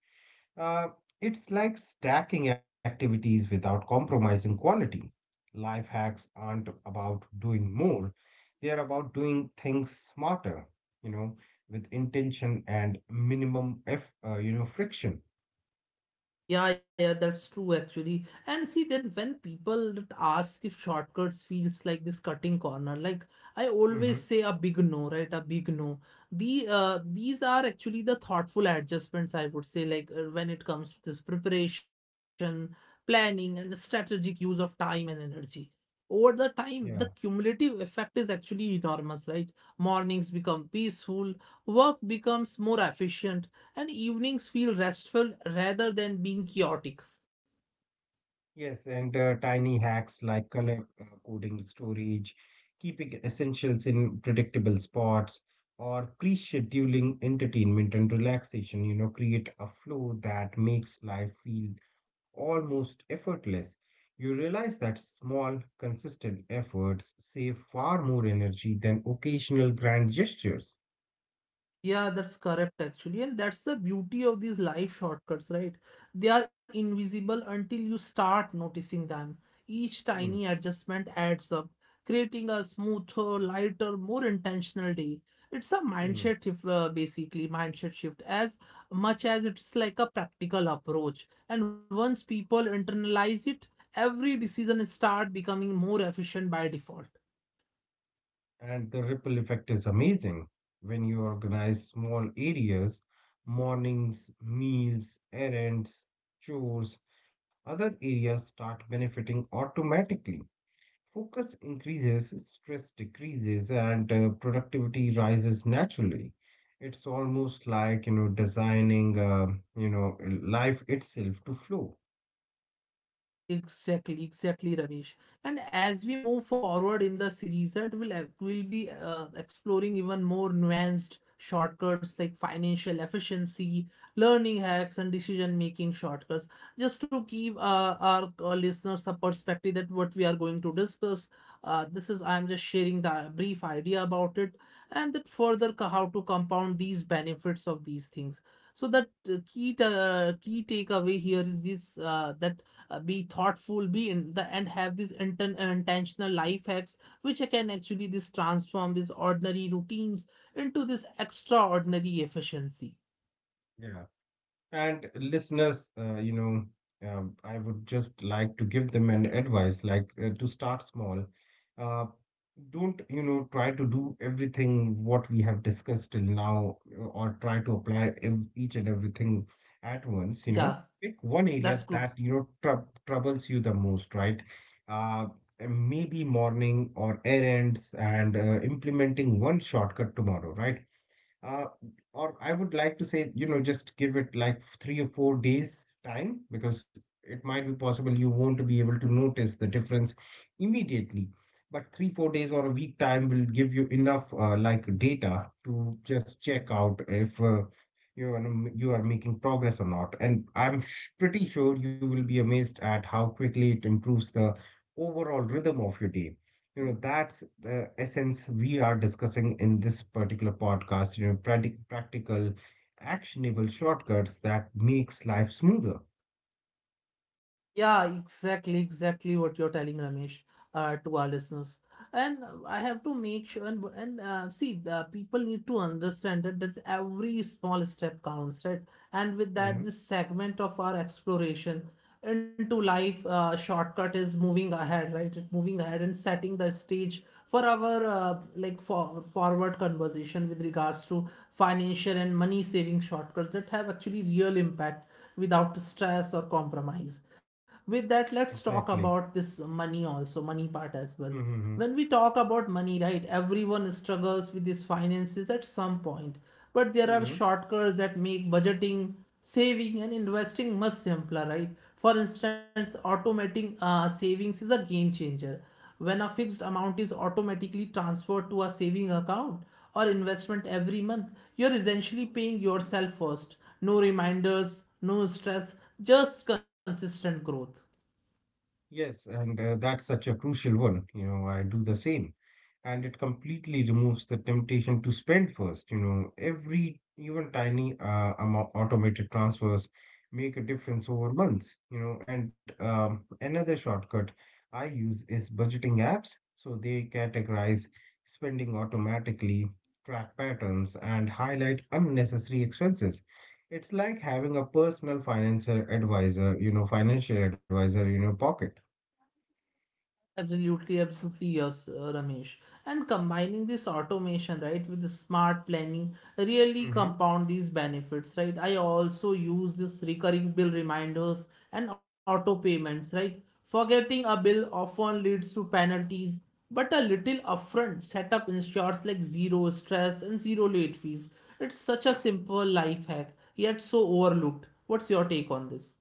[SPEAKER 2] Uh, it's like stacking activities without compromising quality. Life hacks aren't about doing more, they are about doing things smarter, you know, with intention and minimum f you know, friction.
[SPEAKER 1] Yeah, yeah, that's true actually. And see, then when people that ask if shortcuts feels like this cutting corner, like, I always
[SPEAKER 2] Mm-hmm.
[SPEAKER 1] say a big no, right? A big no. These are actually the thoughtful adjustments, I would say, like, when it comes to this preparation, planning, and strategic use of time and energy. Over the time, the
[SPEAKER 2] Yeah.
[SPEAKER 1] cumulative effect is actually enormous, right? Mornings become peaceful, work becomes more efficient, and evenings feel restful rather than being chaotic.
[SPEAKER 2] Yes, and tiny hacks like color coding, storage, keeping essentials in predictable spots, or pre-scheduling entertainment and relaxation, you know, create a flow that makes life feel almost effortless. You realize that small, consistent efforts save far more energy than occasional grand gestures.
[SPEAKER 1] Yeah, that's correct actually. And that's the beauty of these life shortcuts, right? They are invisible until you start noticing them. Each
[SPEAKER 2] Hmm.
[SPEAKER 1] tiny adjustment adds up, creating a smoother, lighter, more intentional day. It's a
[SPEAKER 2] Hmm.
[SPEAKER 1] mindset shift, basically, mindset shift, as much as it's like a practical approach. And once people internalize it, every decision start becoming more efficient by default.
[SPEAKER 2] And the ripple effect is amazing. When you organize small areas, mornings, meals, errands, chores, other areas start benefiting automatically. Focus increases, stress decreases, and productivity rises naturally. It's almost like, you know, designing, you know, life itself to flow.
[SPEAKER 1] Exactly, exactly, Ramesh. And as we move forward in the series, that will be exploring even more nuanced shortcuts like financial efficiency, learning hacks, and decision-making shortcuts. Just to give our, listeners a perspective that what we are going to discuss. This is I'm just sharing the brief idea about it, and that further how to compound these benefits of these things. So that key takeaway here is this, that be thoughtful be in the and have these intentional life hacks which can actually this transform these ordinary routines into this extraordinary efficiency.
[SPEAKER 2] And listeners, I would just like to give them an advice, like to start small. Uh, don't, you know, try to do everything what we have discussed till now, or try to apply each and everything at once, you
[SPEAKER 1] Yeah,
[SPEAKER 2] know. Pick one
[SPEAKER 1] that's
[SPEAKER 2] area
[SPEAKER 1] good.
[SPEAKER 2] that, you know, troubles you the most, right? Uh, Maybe morning or errands, and implementing one shortcut tomorrow, right? Uh, or I would like to say, you know, just give it like 3 or 4 days time, because it might be possible you won't be able to notice the difference immediately. But three, 4 days or a week time will give you enough like data to just check out if, you know, you are making progress or not. And I'm sh pretty sure you will be amazed at how quickly it improves the overall rhythm of your day. You know, that's the essence we are discussing in this particular podcast, you know, practical, actionable shortcuts that makes life smoother.
[SPEAKER 1] Yeah, exactly, exactly what you're telling, Ramesh, to our listeners. And I have to make sure and see, people need to understand that every small step counts, right? And with
[SPEAKER 2] Hmm.
[SPEAKER 1] that, this segment of our exploration into life, shortcut is moving ahead, right? It moving ahead and setting the stage for our like for forward conversation with regards to financial and money saving shortcuts that have actually real impact without stress or compromise. With that, let's talk
[SPEAKER 2] Exactly.
[SPEAKER 1] about this money, also money part as well.
[SPEAKER 2] Hmm.
[SPEAKER 1] When we talk about money, right, everyone struggles with his finances at some point, but there are
[SPEAKER 2] Hmm.
[SPEAKER 1] shortcuts that make budgeting, saving, and investing much simpler, right? For instance, automating savings is a game changer. When a fixed amount is automatically transferred to a saving account or investment every month, you're essentially paying yourself first. No reminders, no stress, just consistent growth.
[SPEAKER 2] Yes, and that's such a crucial one. You know, I do the same. And it completely removes the temptation to spend first. You know, every even tiny amount automated transfers make a difference over months. You know. And another shortcut I use is budgeting apps. So they categorize spending automatically, track patterns, and highlight unnecessary expenses. It's like having a personal financial advisor, you know, financial advisor in your pocket.
[SPEAKER 1] Absolutely, absolutely, yes, Ramesh. And combining this automation, right, with the smart planning really
[SPEAKER 2] Mm-hmm.
[SPEAKER 1] compound these benefits, right? I also use this recurring bill reminders and auto payments, right? Forgetting a bill often leads to penalties, but a little upfront setup ensures like zero stress and zero late fees. It's such a simple life hack, yet so overlooked. What's your take on this?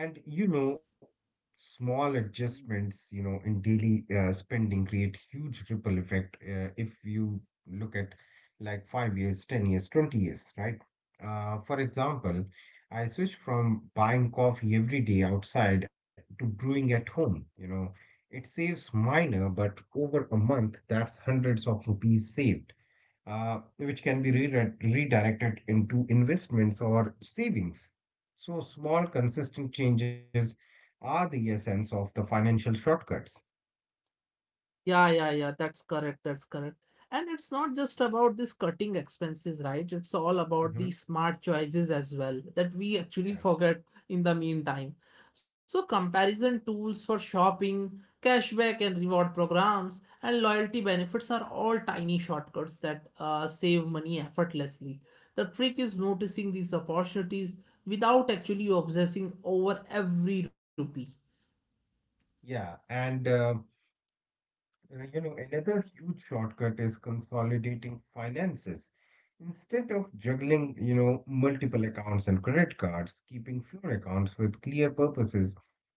[SPEAKER 2] And you know, small adjustments, you know, in daily spending create huge ripple effect if you look at like 5 years, 10 years, 20 years, right? For example, I switched from buying coffee every day outside to brewing at home. You know, it saves minor, but over a month, that's hundreds of rupees saved, which can be redirected into investments or savings. So, small, consistent changes are the essence of the financial shortcuts.
[SPEAKER 1] Yeah, yeah, yeah. That's correct. That's correct. And it's not just about this cutting expenses, right? It's all about
[SPEAKER 2] Hmm.
[SPEAKER 1] the smart choices as well that we actually
[SPEAKER 2] Yeah.
[SPEAKER 1] forget in the meantime. So comparison tools for shopping, cashback and reward programs, and loyalty benefits are all tiny shortcuts that save money effortlessly. The trick is noticing these opportunities without actually obsessing over every rupee.
[SPEAKER 2] Yeah, and You know, another huge shortcut is consolidating finances. Instead of juggling, you know, multiple accounts and credit cards, keeping fewer accounts with clear purposes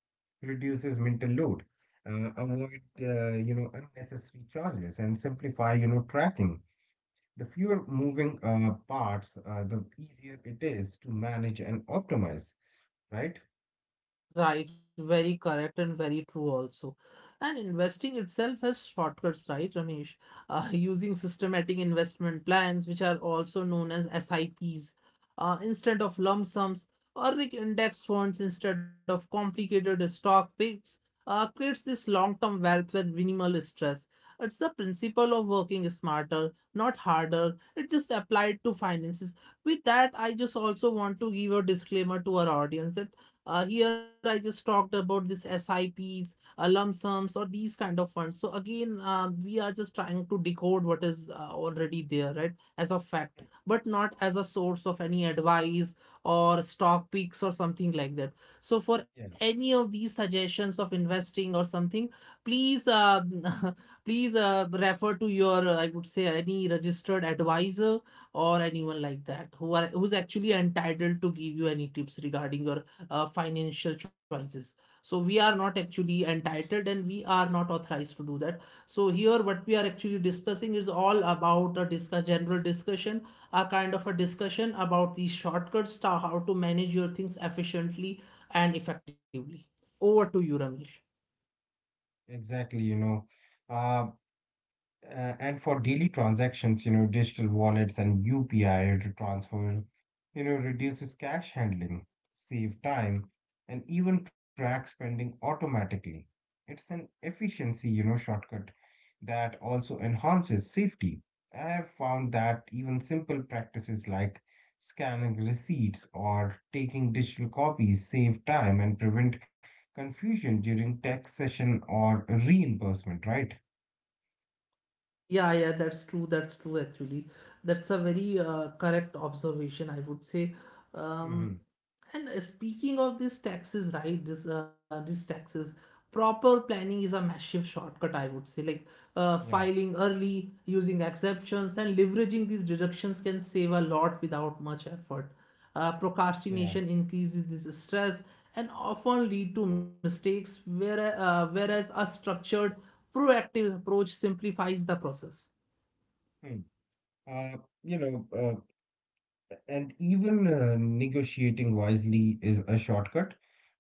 [SPEAKER 2] reduces mental load. Avoid, you know, unnecessary charges and simplify, you know, tracking. The fewer moving parts, the easier it is to manage and optimize, right?
[SPEAKER 1] Right, very correct and very true also. And investing itself has shortcuts, right, Ramesh? Using systematic investment plans, which are also known as S I Ps, instead of lump sums, or like index funds instead of complicated stock picks, creates this long-term wealth with minimal stress. It's the principle of working smarter, not harder. It just applied to finances. With that, I just also want to give a disclaimer to our audience that here I just talked about this SIPs, lump sums, or these kind of funds. So again, we are just trying to decode what is already there, right, as a fact,
[SPEAKER 2] Mm.
[SPEAKER 1] but not as a source of any advice or stock picks or something like that. So for
[SPEAKER 2] Yeah,
[SPEAKER 1] any of these suggestions of investing or something, please please refer to your I would say any registered advisor or anyone like that who's actually entitled to give you any tips regarding your financial choices. So we are not actually entitled and we are not authorized to do that. So here what we are actually discussing is all about a discuss general discussion, a kind of a discussion about these shortcuts, to how to manage your things efficiently and effectively. Over to you, Ramesh.
[SPEAKER 2] exactly. Uh, and for daily transactions, you know, digital wallets and UPI to transfer, you know, reduces cash handling, save time, and even track spending automatically. It's an efficiency, you know, shortcut that also enhances safety. I have found that even simple practices like scanning receipts or taking digital copies save time and prevent confusion during tax session or reimbursement, right?
[SPEAKER 1] Yeah, yeah, that's true. That's true, actually. That's a very correct observation, I would say.
[SPEAKER 2] Hmm.
[SPEAKER 1] Um, And speaking of these taxes, right? This these taxes, proper planning is a massive shortcut, I would say. Like,
[SPEAKER 2] Yeah.
[SPEAKER 1] filing early, using exceptions, and leveraging these deductions can save a lot without much effort.
[SPEAKER 2] Yeah.
[SPEAKER 1] Procrastination increases this stress and often lead to mistakes, whereas a structured, proactive approach simplifies the process.
[SPEAKER 2] Hmm. Uh, you know, uh, and even negotiating wisely is a shortcut,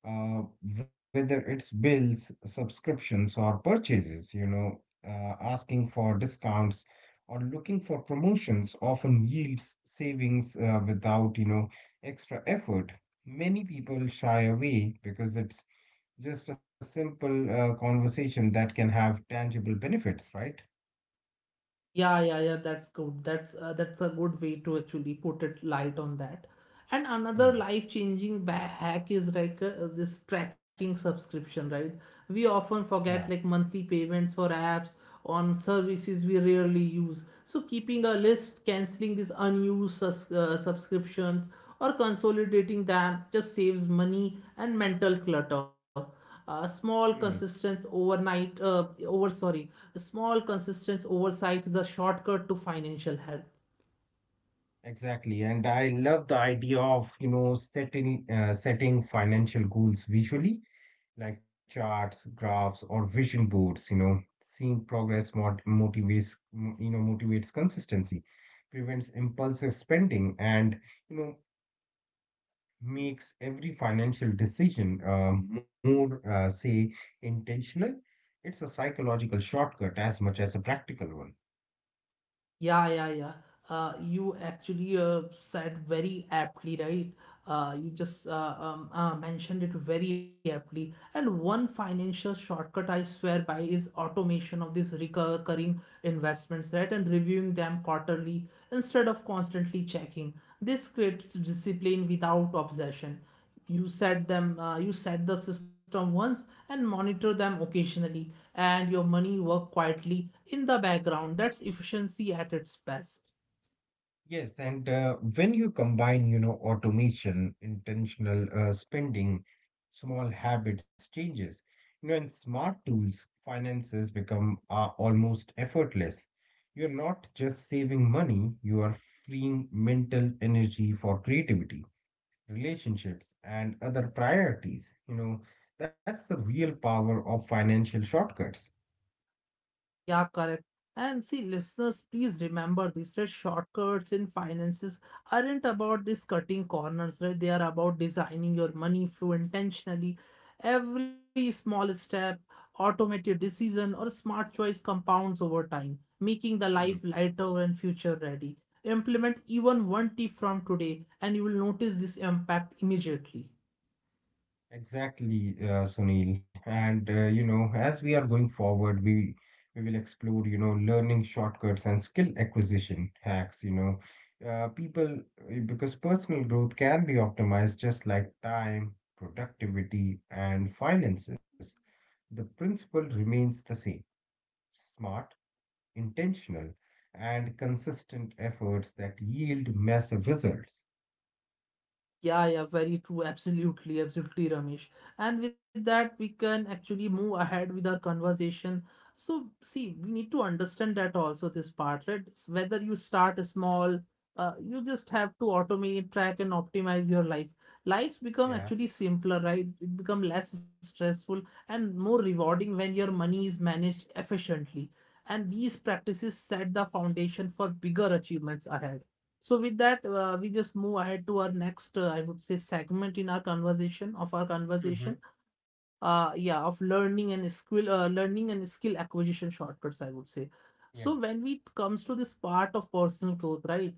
[SPEAKER 2] uh, whether it's bills, subscriptions, or purchases, you know, asking for discounts or looking for promotions often yields savings without, you know, extra effort. Many people shy away, because it's just a simple conversation that can have tangible benefits, right?
[SPEAKER 1] Yeah, yeah, yeah, that's good. That's a good way to actually put it light on that. And another
[SPEAKER 2] Hmm.
[SPEAKER 1] life-changing hack is like, this tracking subscription, right? We often forget
[SPEAKER 2] Yeah.
[SPEAKER 1] like monthly payments for apps on services we rarely use. So keeping a list, canceling these unused subscriptions, or consolidating them just saves money and mental clutter. a small
[SPEAKER 2] Hmm.
[SPEAKER 1] consistent overnight uh, over sorry a small consistent oversight is a shortcut to financial health.
[SPEAKER 2] Exactly, and I love the idea of, you know, setting financial goals visually, like charts, graphs, or vision boards, you know. Seeing progress motivates, you know, motivates consistency, prevents impulsive spending, and, you know, makes every financial decision more, say, intentional. It's a psychological shortcut as much as a practical one.
[SPEAKER 1] Yeah, yeah, yeah. You actually said very aptly, right? You just mentioned it very aptly. And one financial shortcut I swear by is automation of these recurring investments, right? And reviewing them quarterly instead of constantly checking. This creates discipline without obsession. You set the system once and monitor them occasionally, and your money work quietly in the background. That's efficiency at its best.
[SPEAKER 2] Yes, and when you combine, you know, automation, intentional spending, small habits changes, you know, and smart tools, finances become almost effortless. You're not just saving money, you are freeing mental energy for creativity, relationships, and other priorities. You know, that's the real power of financial shortcuts.
[SPEAKER 1] Yeah, correct. And see, listeners, please remember this, right? Shortcuts in finances aren't about this cutting corners, right? They are about designing your money flow intentionally. Every small step, automated decision, or smart choice compounds over time, making the life
[SPEAKER 2] Hmm.
[SPEAKER 1] lighter and future ready. Implement even one tip from today, and you will notice this impact immediately.
[SPEAKER 2] Exactly, Sunil. And you know, as we are going forward, we will explore, you know, learning shortcuts and skill acquisition hacks. You know, people, because personal growth can be optimized just like time, productivity, and finances. The principle remains the same: smart, intentional, and consistent efforts that yield massive results.
[SPEAKER 1] Yeah, yeah, very true. Absolutely, absolutely, Ramesh. And with that, we can actually move ahead with our conversation. So, see, we need to understand that also, this part, right? It's Whether you start small, you just have to automate, track, and optimize your life. Life's become
[SPEAKER 2] Yeah.
[SPEAKER 1] actually simpler, right? It become less stressful and more rewarding when your money is managed efficiently. And these practices set the foundation for bigger achievements ahead. So with that, we just move ahead to our next, I would say, segment in our conversation of our
[SPEAKER 2] Mm-hmm.
[SPEAKER 1] conversation yeah of learning and skill, learning and skill acquisition shortcuts, I would say. So when we comes to this part of personal growth, right,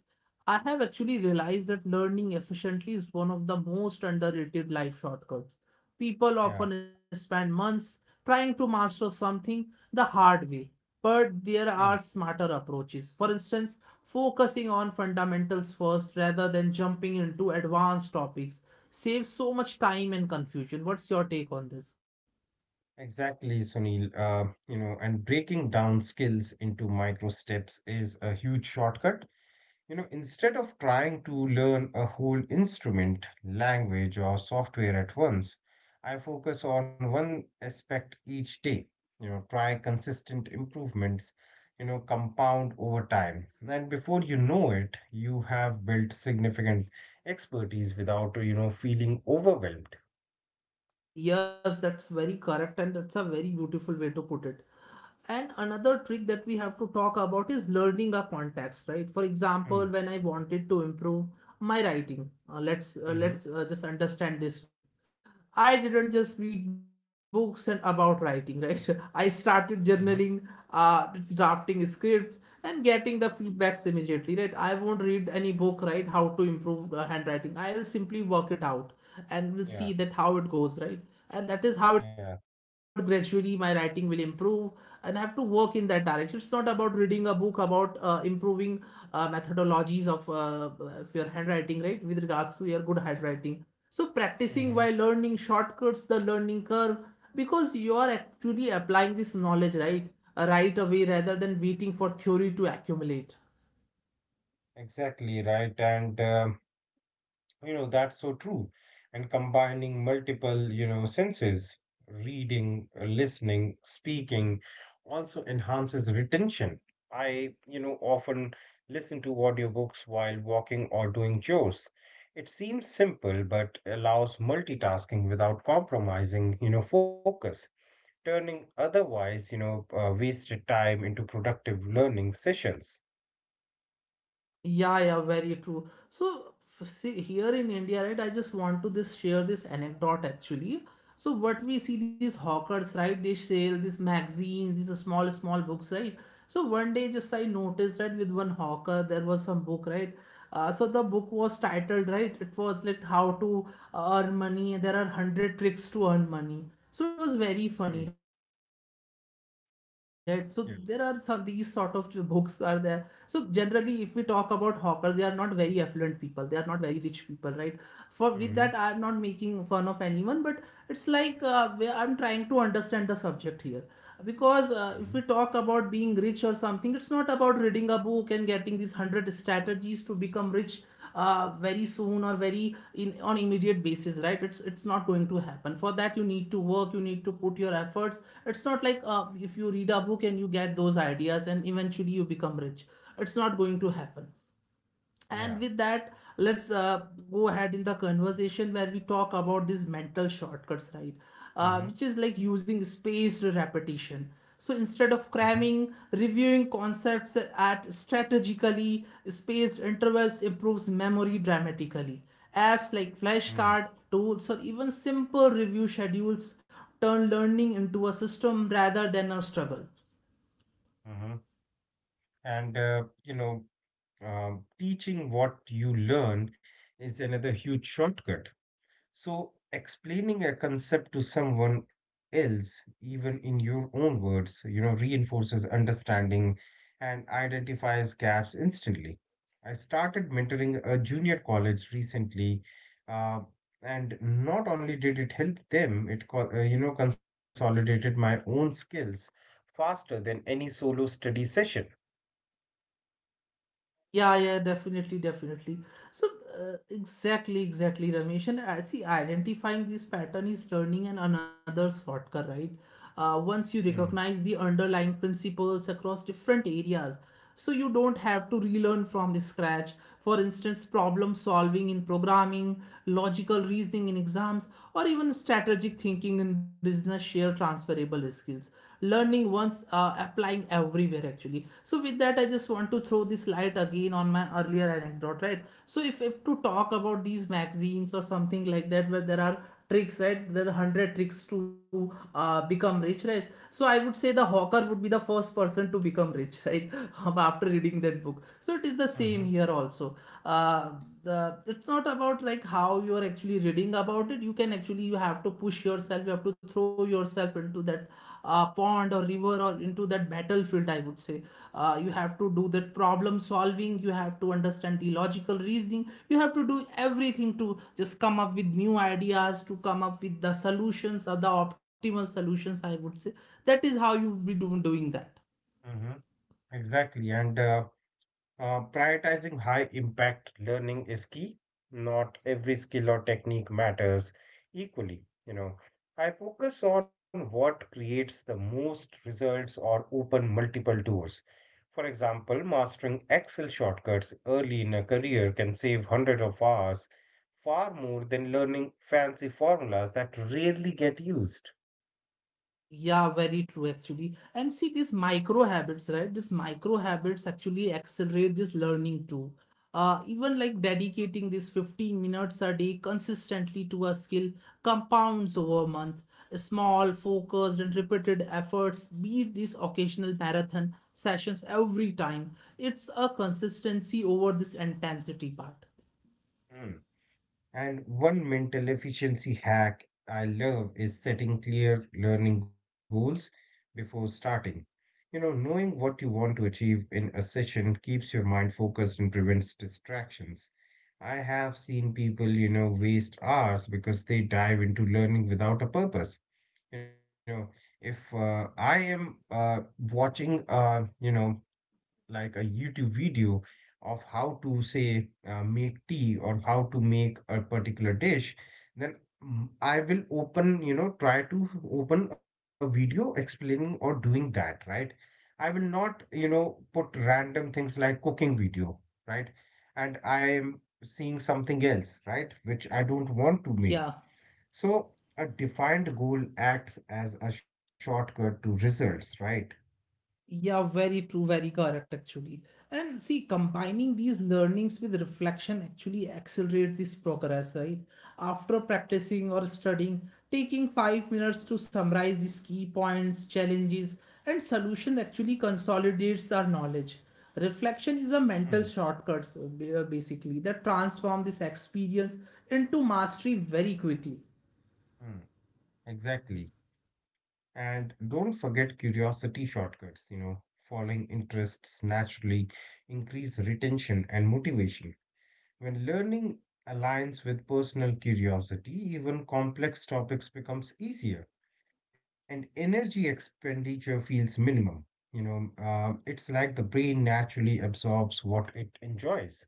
[SPEAKER 1] I have actually realized that learning efficiently is one of the most underrated life shortcuts. People
[SPEAKER 2] Yeah.
[SPEAKER 1] often spend months trying to master something the hard way, but there
[SPEAKER 2] Yeah.
[SPEAKER 1] are smarter approaches. For instance, focusing on fundamentals first rather than jumping into advanced topics saves so much time and confusion. What's your take on this?
[SPEAKER 2] Exactly, Sunil. You know, and breaking down skills into micro steps is a huge shortcut. You know, instead of trying to learn a whole instrument, language, or software at once, I focus on one aspect each day. You know, try consistent improvements, you know, compound over time. And before you know it, you have built significant expertise without, you know, feeling overwhelmed.
[SPEAKER 1] Yes, that's very correct, and that's a very beautiful way to put it. And another trick that we have to talk about is learning a context, right? For
[SPEAKER 2] Hmm.
[SPEAKER 1] example, when I wanted to improve my writing, uh, let's uh,
[SPEAKER 2] Mm-hmm.
[SPEAKER 1] let's uh, just understand this way. I didn't just read books and about writing, right? I started journaling,
[SPEAKER 2] Mm-hmm.
[SPEAKER 1] it's drafting scripts, and getting the feedbacks immediately, right? I won't read any book right how to improve handwriting. I will simply work it out, and we'll see that
[SPEAKER 2] Yeah.
[SPEAKER 1] how it goes, right? And that is how it
[SPEAKER 2] Yeah.
[SPEAKER 1] gradually my writing will improve, and I have to work in that direction. It's not about reading a book about improving methodologies of your handwriting, right, with regards to your good handwriting. So practicing while
[SPEAKER 2] Mhm.
[SPEAKER 1] learning shortcuts the learning curve, because you are actually applying this knowledge, right, right away rather than waiting for theory to accumulate.
[SPEAKER 2] Exactly right. and You know, that's so true. And combining multiple, you know, senses, reading, listening, speaking, also enhances retention. I, you know, often listen to audiobooks while walking or doing chores. It seems simple, but allows multitasking without compromising, you know, focus, turning otherwise, you know, wasted time into productive learning sessions.
[SPEAKER 1] Yeah, yeah, very true. So, see, here in India, right, I just want to this share this anecdote actually. So, what we see these hawkers, right, they sell these magazines, these are small, small books, right? So, one day just I noticed, right, with one hawker, there was some book, right? The book was titled, right, it was like How to Earn Money, there are 100 tricks to earn money. So it was very
[SPEAKER 2] Mm,
[SPEAKER 1] funny, right? So there are some, these sort of
[SPEAKER 2] yeah.
[SPEAKER 1] books are there. So generally if we talk about hawkers, they are not very affluent people, they are not very rich people, right? For with that, I am not making
[SPEAKER 2] Mhm.
[SPEAKER 1] fun of anyone, but it's like, where I'm trying to understand the subject here. Because if we talk
[SPEAKER 2] Mhm.
[SPEAKER 1] about being rich or something, it's not about reading a book and getting these 100 strategies to become rich very soon or very in on immediate basis, right? It's not going to happen. For that you need to work, you need to put your efforts. It's not like if you read a book and you get those ideas and eventually you become rich, it's not going to happen.
[SPEAKER 2] Yeah.
[SPEAKER 1] And with that, let's go ahead in the conversation where we talk about these mental shortcuts, right? Uh,
[SPEAKER 2] Mhm.
[SPEAKER 1] which is like using spaced repetition. So instead of
[SPEAKER 2] Mhm.
[SPEAKER 1] cramming, reviewing concepts at strategically spaced intervals improves memory dramatically. Apps like
[SPEAKER 2] Mm.
[SPEAKER 1] flashcard tools or even simple review schedules turn learning into a system rather than a struggle.
[SPEAKER 2] Mhm. And teaching what you learn is another huge shortcut. So, explaining a concept to someone else, even in your own words, you know, reinforces understanding and identifies gaps instantly. I started mentoring a junior college recently, uh, and not only did it help them, it you know, consolidated my own skills faster than any solo study session.
[SPEAKER 1] Yeah, yeah, definitely, definitely. So, exactly, exactly, Ramesh. And I see identifying this pattern is learning and another shortcut, right? Once you
[SPEAKER 2] Mm-hmm,
[SPEAKER 1] recognize the underlying principles across different areas, so you don't have to relearn from the scratch. For instance, problem solving in programming, logical reasoning in exams, or even strategic thinking in business share transferable skills, learning once, applying everywhere actually. So with that, I just want to throw this light again on my earlier anecdote, right? So if to talk about these magazines or something like that, where there are tricks, right, there are 100 tricks to become rich, right? So I would say the hawker would be the first person to become rich, right? After reading that book. So it is the same here also. uh, it's not about like how you are actually reading about it. You can actually, you have to push yourself, you have to throw yourself into that pond or river or into that battlefield, I would say. You have to do that problem solving, you have to understand the logical reasoning, you have to do everything to just come up with new ideas, to come up with the solutions or the optimal solutions, I would say. That is how you will be doing that.
[SPEAKER 2] mm-hmm, exactly. and. Prioritizing high impact learning is key. Not every skill or technique matters equally. You know, I focus on what creates the most results or open multiple doors. For example, mastering Excel shortcuts early in a career can save hundreds of hours, far more than learning fancy formulas that rarely get used.
[SPEAKER 1] Yeah, very true actually. And see these micro habits, right? These micro habits actually accelerate this learning too. Even like dedicating these 15 minutes a day consistently to a skill compounds over a month. Small, focused, and repeated efforts beat these occasional marathon sessions every time. It's a consistency over this intensity part.
[SPEAKER 2] Hmm. And one mental efficiency hack I love is setting clear learning goals before starting. You know, knowing what you want to achieve in a session keeps your mind focused and prevents distractions. I have seen people, you know, waste hours because they dive into learning without a purpose. You know, if I am watching, you know, like a YouTube video of how to say make tea or how to make a particular dish, then I will open, you know, try to open a video explaining or doing that, right? I will not, you know, put random things like cooking video, right? And I am seeing something else, right? Which I don't want to make.
[SPEAKER 1] Yeah.
[SPEAKER 2] So a defined goal acts as a shortcut to results, right?
[SPEAKER 1] Yeah, very true, very correct actually. And see, combining these learnings with reflection actually accelerates this progress, right? After practicing or studying, taking 5 minutes to summarize these key points, challenges, and solutions actually consolidates our knowledge. Reflection is a mental
[SPEAKER 2] Hmm.
[SPEAKER 1] shortcut, basically, that transforms this experience into mastery very quickly.
[SPEAKER 2] Hmm. Exactly. And don't forget curiosity shortcuts, you know, following interests naturally increase retention and motivation. When learning aligns with personal curiosity, even complex topics becomes easier and energy expenditure feels minimum. You know, it's like the brain naturally absorbs what it enjoys.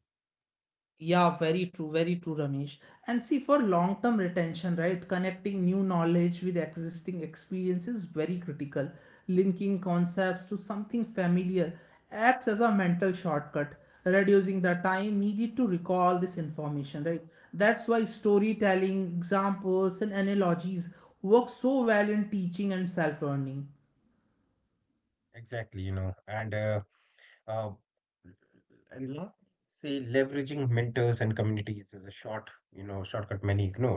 [SPEAKER 1] Yeah, very true, Ramesh. And see, for long-term retention, right, connecting new knowledge with existing experience is very critical. Linking concepts to something familiar acts as a mental shortcut, reducing the time needed to recall this information, right? That's why storytelling, examples, and analogies work so well in teaching and self-learning.
[SPEAKER 2] Exactly, you know. And uh, uh, And last, say leveraging mentors and communities is a shortcut many ignore.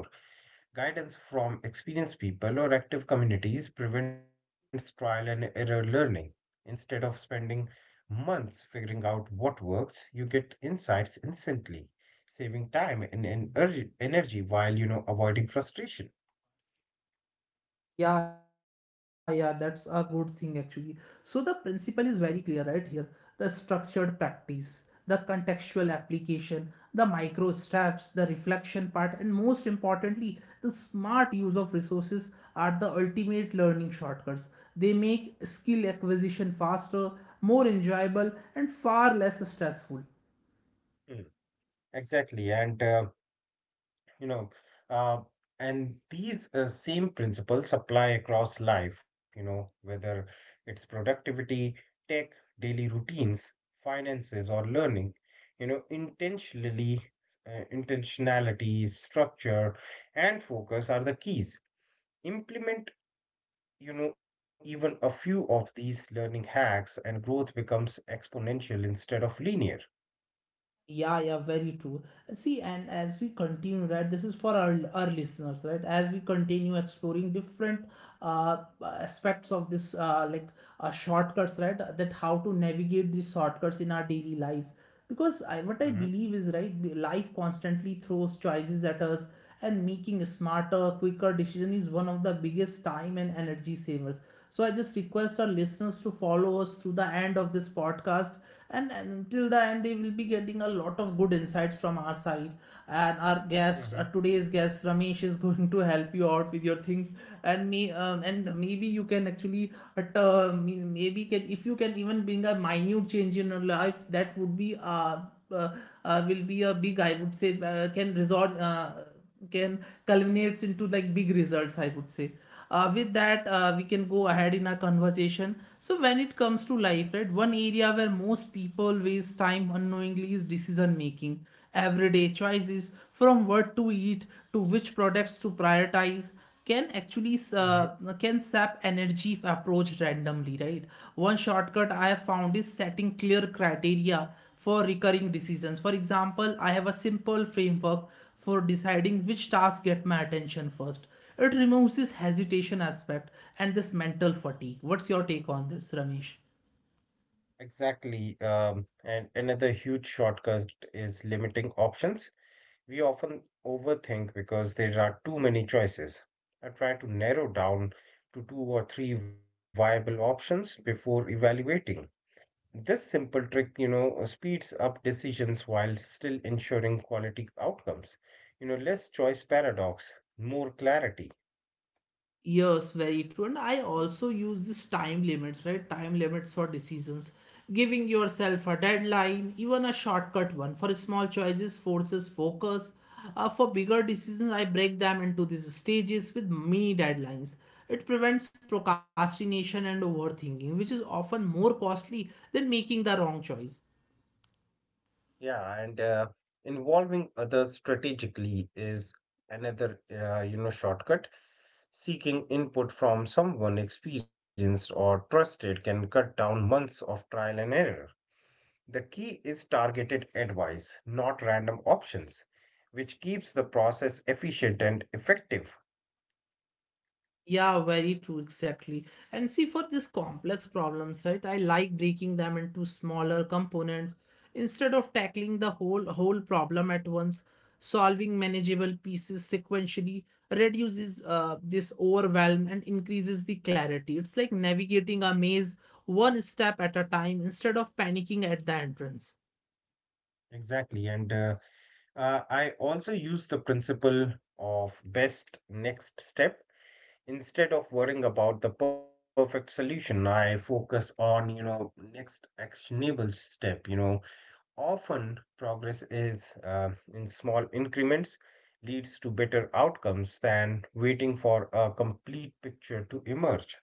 [SPEAKER 2] Guidance from experienced people or active communities prevents trial and error learning. Instead of spending months figuring out what works, you get insights instantly, saving time and energy while, you know, avoiding frustration.
[SPEAKER 1] Yeah, yeah, that's a good thing actually. So the principle is very clear right here. The structured practice, the contextual application, the micro steps, the reflection part, and most importantly, the smart use of resources are the ultimate learning shortcuts. They make skill acquisition faster, more enjoyable, and far less stressful.
[SPEAKER 2] Mm. Exactly. And you know uh, these same principles apply across life, you know, whether it's productivity, tech, daily routines, finances, or learning. You know, intentionally intentionality, structure, and focus are the keys. Implement, you know, even a few of these learning hacks, and growth becomes exponential instead of linear.
[SPEAKER 1] Yeah, yeah, very true. See, and as we continue, right, this is for our listeners, right? As we continue exploring different uh, aspects of this, shortcuts, right? That how to navigate these shortcuts in our daily life. Because I, what I
[SPEAKER 2] Hmm.
[SPEAKER 1] believe is, right, life constantly throws choices at us, and making a smarter, quicker decision is one of the biggest time and energy savers. So I just request our listeners to follow us through the end of this podcast, and until the end they will be getting a lot of good insights from our side and our guest,
[SPEAKER 2] Hmm.
[SPEAKER 1] today's guest Ramesh is going to help you out with your things. And me and maybe you can actually at uh, t- maybe can, if you can even bring a minute change in your life, that would be uh, will be a big, I would say, can result, can culminates into like big results, I would say. With that we can go ahead in our conversation. So when it comes to life, right, one area where most people waste time unknowingly is decision making. Everyday choices, from what to eat to which products to prioritize, can actually
[SPEAKER 2] Hmm.
[SPEAKER 1] can sap energy if approached randomly, right? One shortcut I have found is setting clear criteria for recurring decisions. For example, I have a simple framework for deciding which tasks get my attention first. It removes this hesitation aspect and this mental fatigue. What's your take on this, Ramesh?
[SPEAKER 2] Exactly. And another huge shortcut is limiting options. We often overthink because there are too many choices. I try to narrow down to two or three viable options before evaluating. This simple trick, you know, speeds up decisions while still ensuring quality outcomes. You know, less choice paradox, more clarity.
[SPEAKER 1] Yes, very true. And I also use this time limits, right? Time limits for decisions. Giving yourself a deadline, even a shortcut one, for small choices, forces focus. For bigger decisions, I break them into these stages with mini deadlines. It prevents procrastination and overthinking, which is often more costly than making the wrong choice.
[SPEAKER 2] Yeah, and involving others strategically is another, you know, shortcut. Seeking input from someone experienced or trusted can cut down months of trial and error. The key is targeted advice, not random options, which keeps the process efficient and effective.
[SPEAKER 1] Yeah, very true, exactly. And see, for these complex problems, right, I like breaking them into smaller components instead of tackling the whole problem at once. Solving manageable pieces sequentially reduces this overwhelm and increases the clarity. It's like navigating a maze one step at a time instead of panicking at the entrance.
[SPEAKER 2] Exactly, and I also use the principle of best next step. Instead of worrying about the perfect solution, I focus on, you know, next actionable step. You know, often progress is, in small increments, leads to better outcomes than waiting for a complete picture to emerge.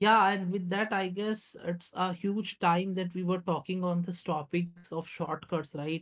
[SPEAKER 1] Yeah, and with that, I guess it's a huge time that we were talking on this topics of shortcuts, right?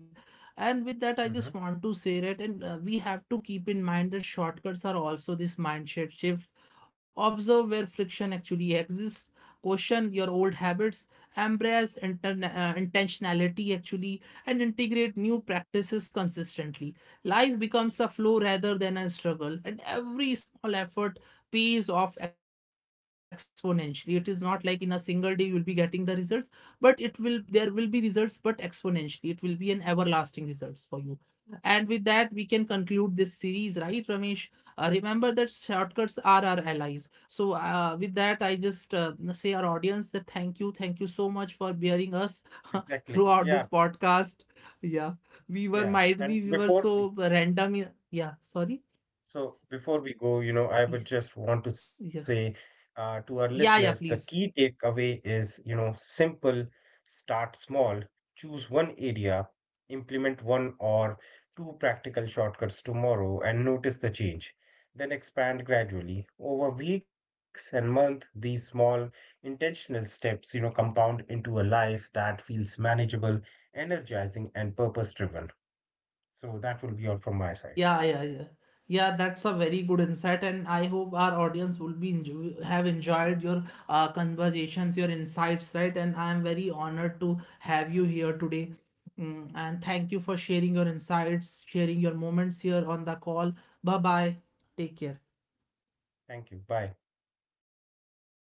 [SPEAKER 1] And with that, I
[SPEAKER 2] Hmm.
[SPEAKER 1] just want to say that, and we have to keep in mind that shortcuts are also this mindset shifts. Observe where friction actually exists, question your old habits, embrace intentionality actually, and integrate new practices consistently. Life becomes a flow rather than a struggle, and every small effort pays off exponentially. It is not like in a single day you will be getting the results, but it will there will be results, but exponentially. It will be an everlasting results for you. And with that, we can conclude this series, right, Ramesh? Remember that shortcuts are our allies. So, with that, I just say our audience that thank you so much for bearing us
[SPEAKER 2] Exactly. Yeah.
[SPEAKER 1] throughout this podcast. Yeah, we
[SPEAKER 2] Yeah.
[SPEAKER 1] were
[SPEAKER 2] And
[SPEAKER 1] might be we
[SPEAKER 2] before
[SPEAKER 1] were
[SPEAKER 2] we.
[SPEAKER 1] so random. Yeah, sorry.
[SPEAKER 2] So before we go, you know, I would
[SPEAKER 1] Yeah,
[SPEAKER 2] just want to say
[SPEAKER 1] yeah,
[SPEAKER 2] to our listeners, the
[SPEAKER 1] yeah, yeah.
[SPEAKER 2] key
[SPEAKER 1] Please.
[SPEAKER 2] takeaway is, you know, simple, start small, choose one area, implement one or two practical shortcuts tomorrow, and notice the change. Then expand gradually. Over weeks and months, these small intentional steps, you know, compound into a life that feels manageable, energizing, and purpose driven. So that will be all from my side.
[SPEAKER 1] Yeah, yeah, yeah. Yeah, that's a very good insight, and I hope our audience will be enjoy have enjoyed your conversations, your insights, right? And I am very honored to have you here today. Mm, and thank you for sharing your insights, sharing your moments here on the call. Bye bye. Take care.
[SPEAKER 2] Thank you. Bye.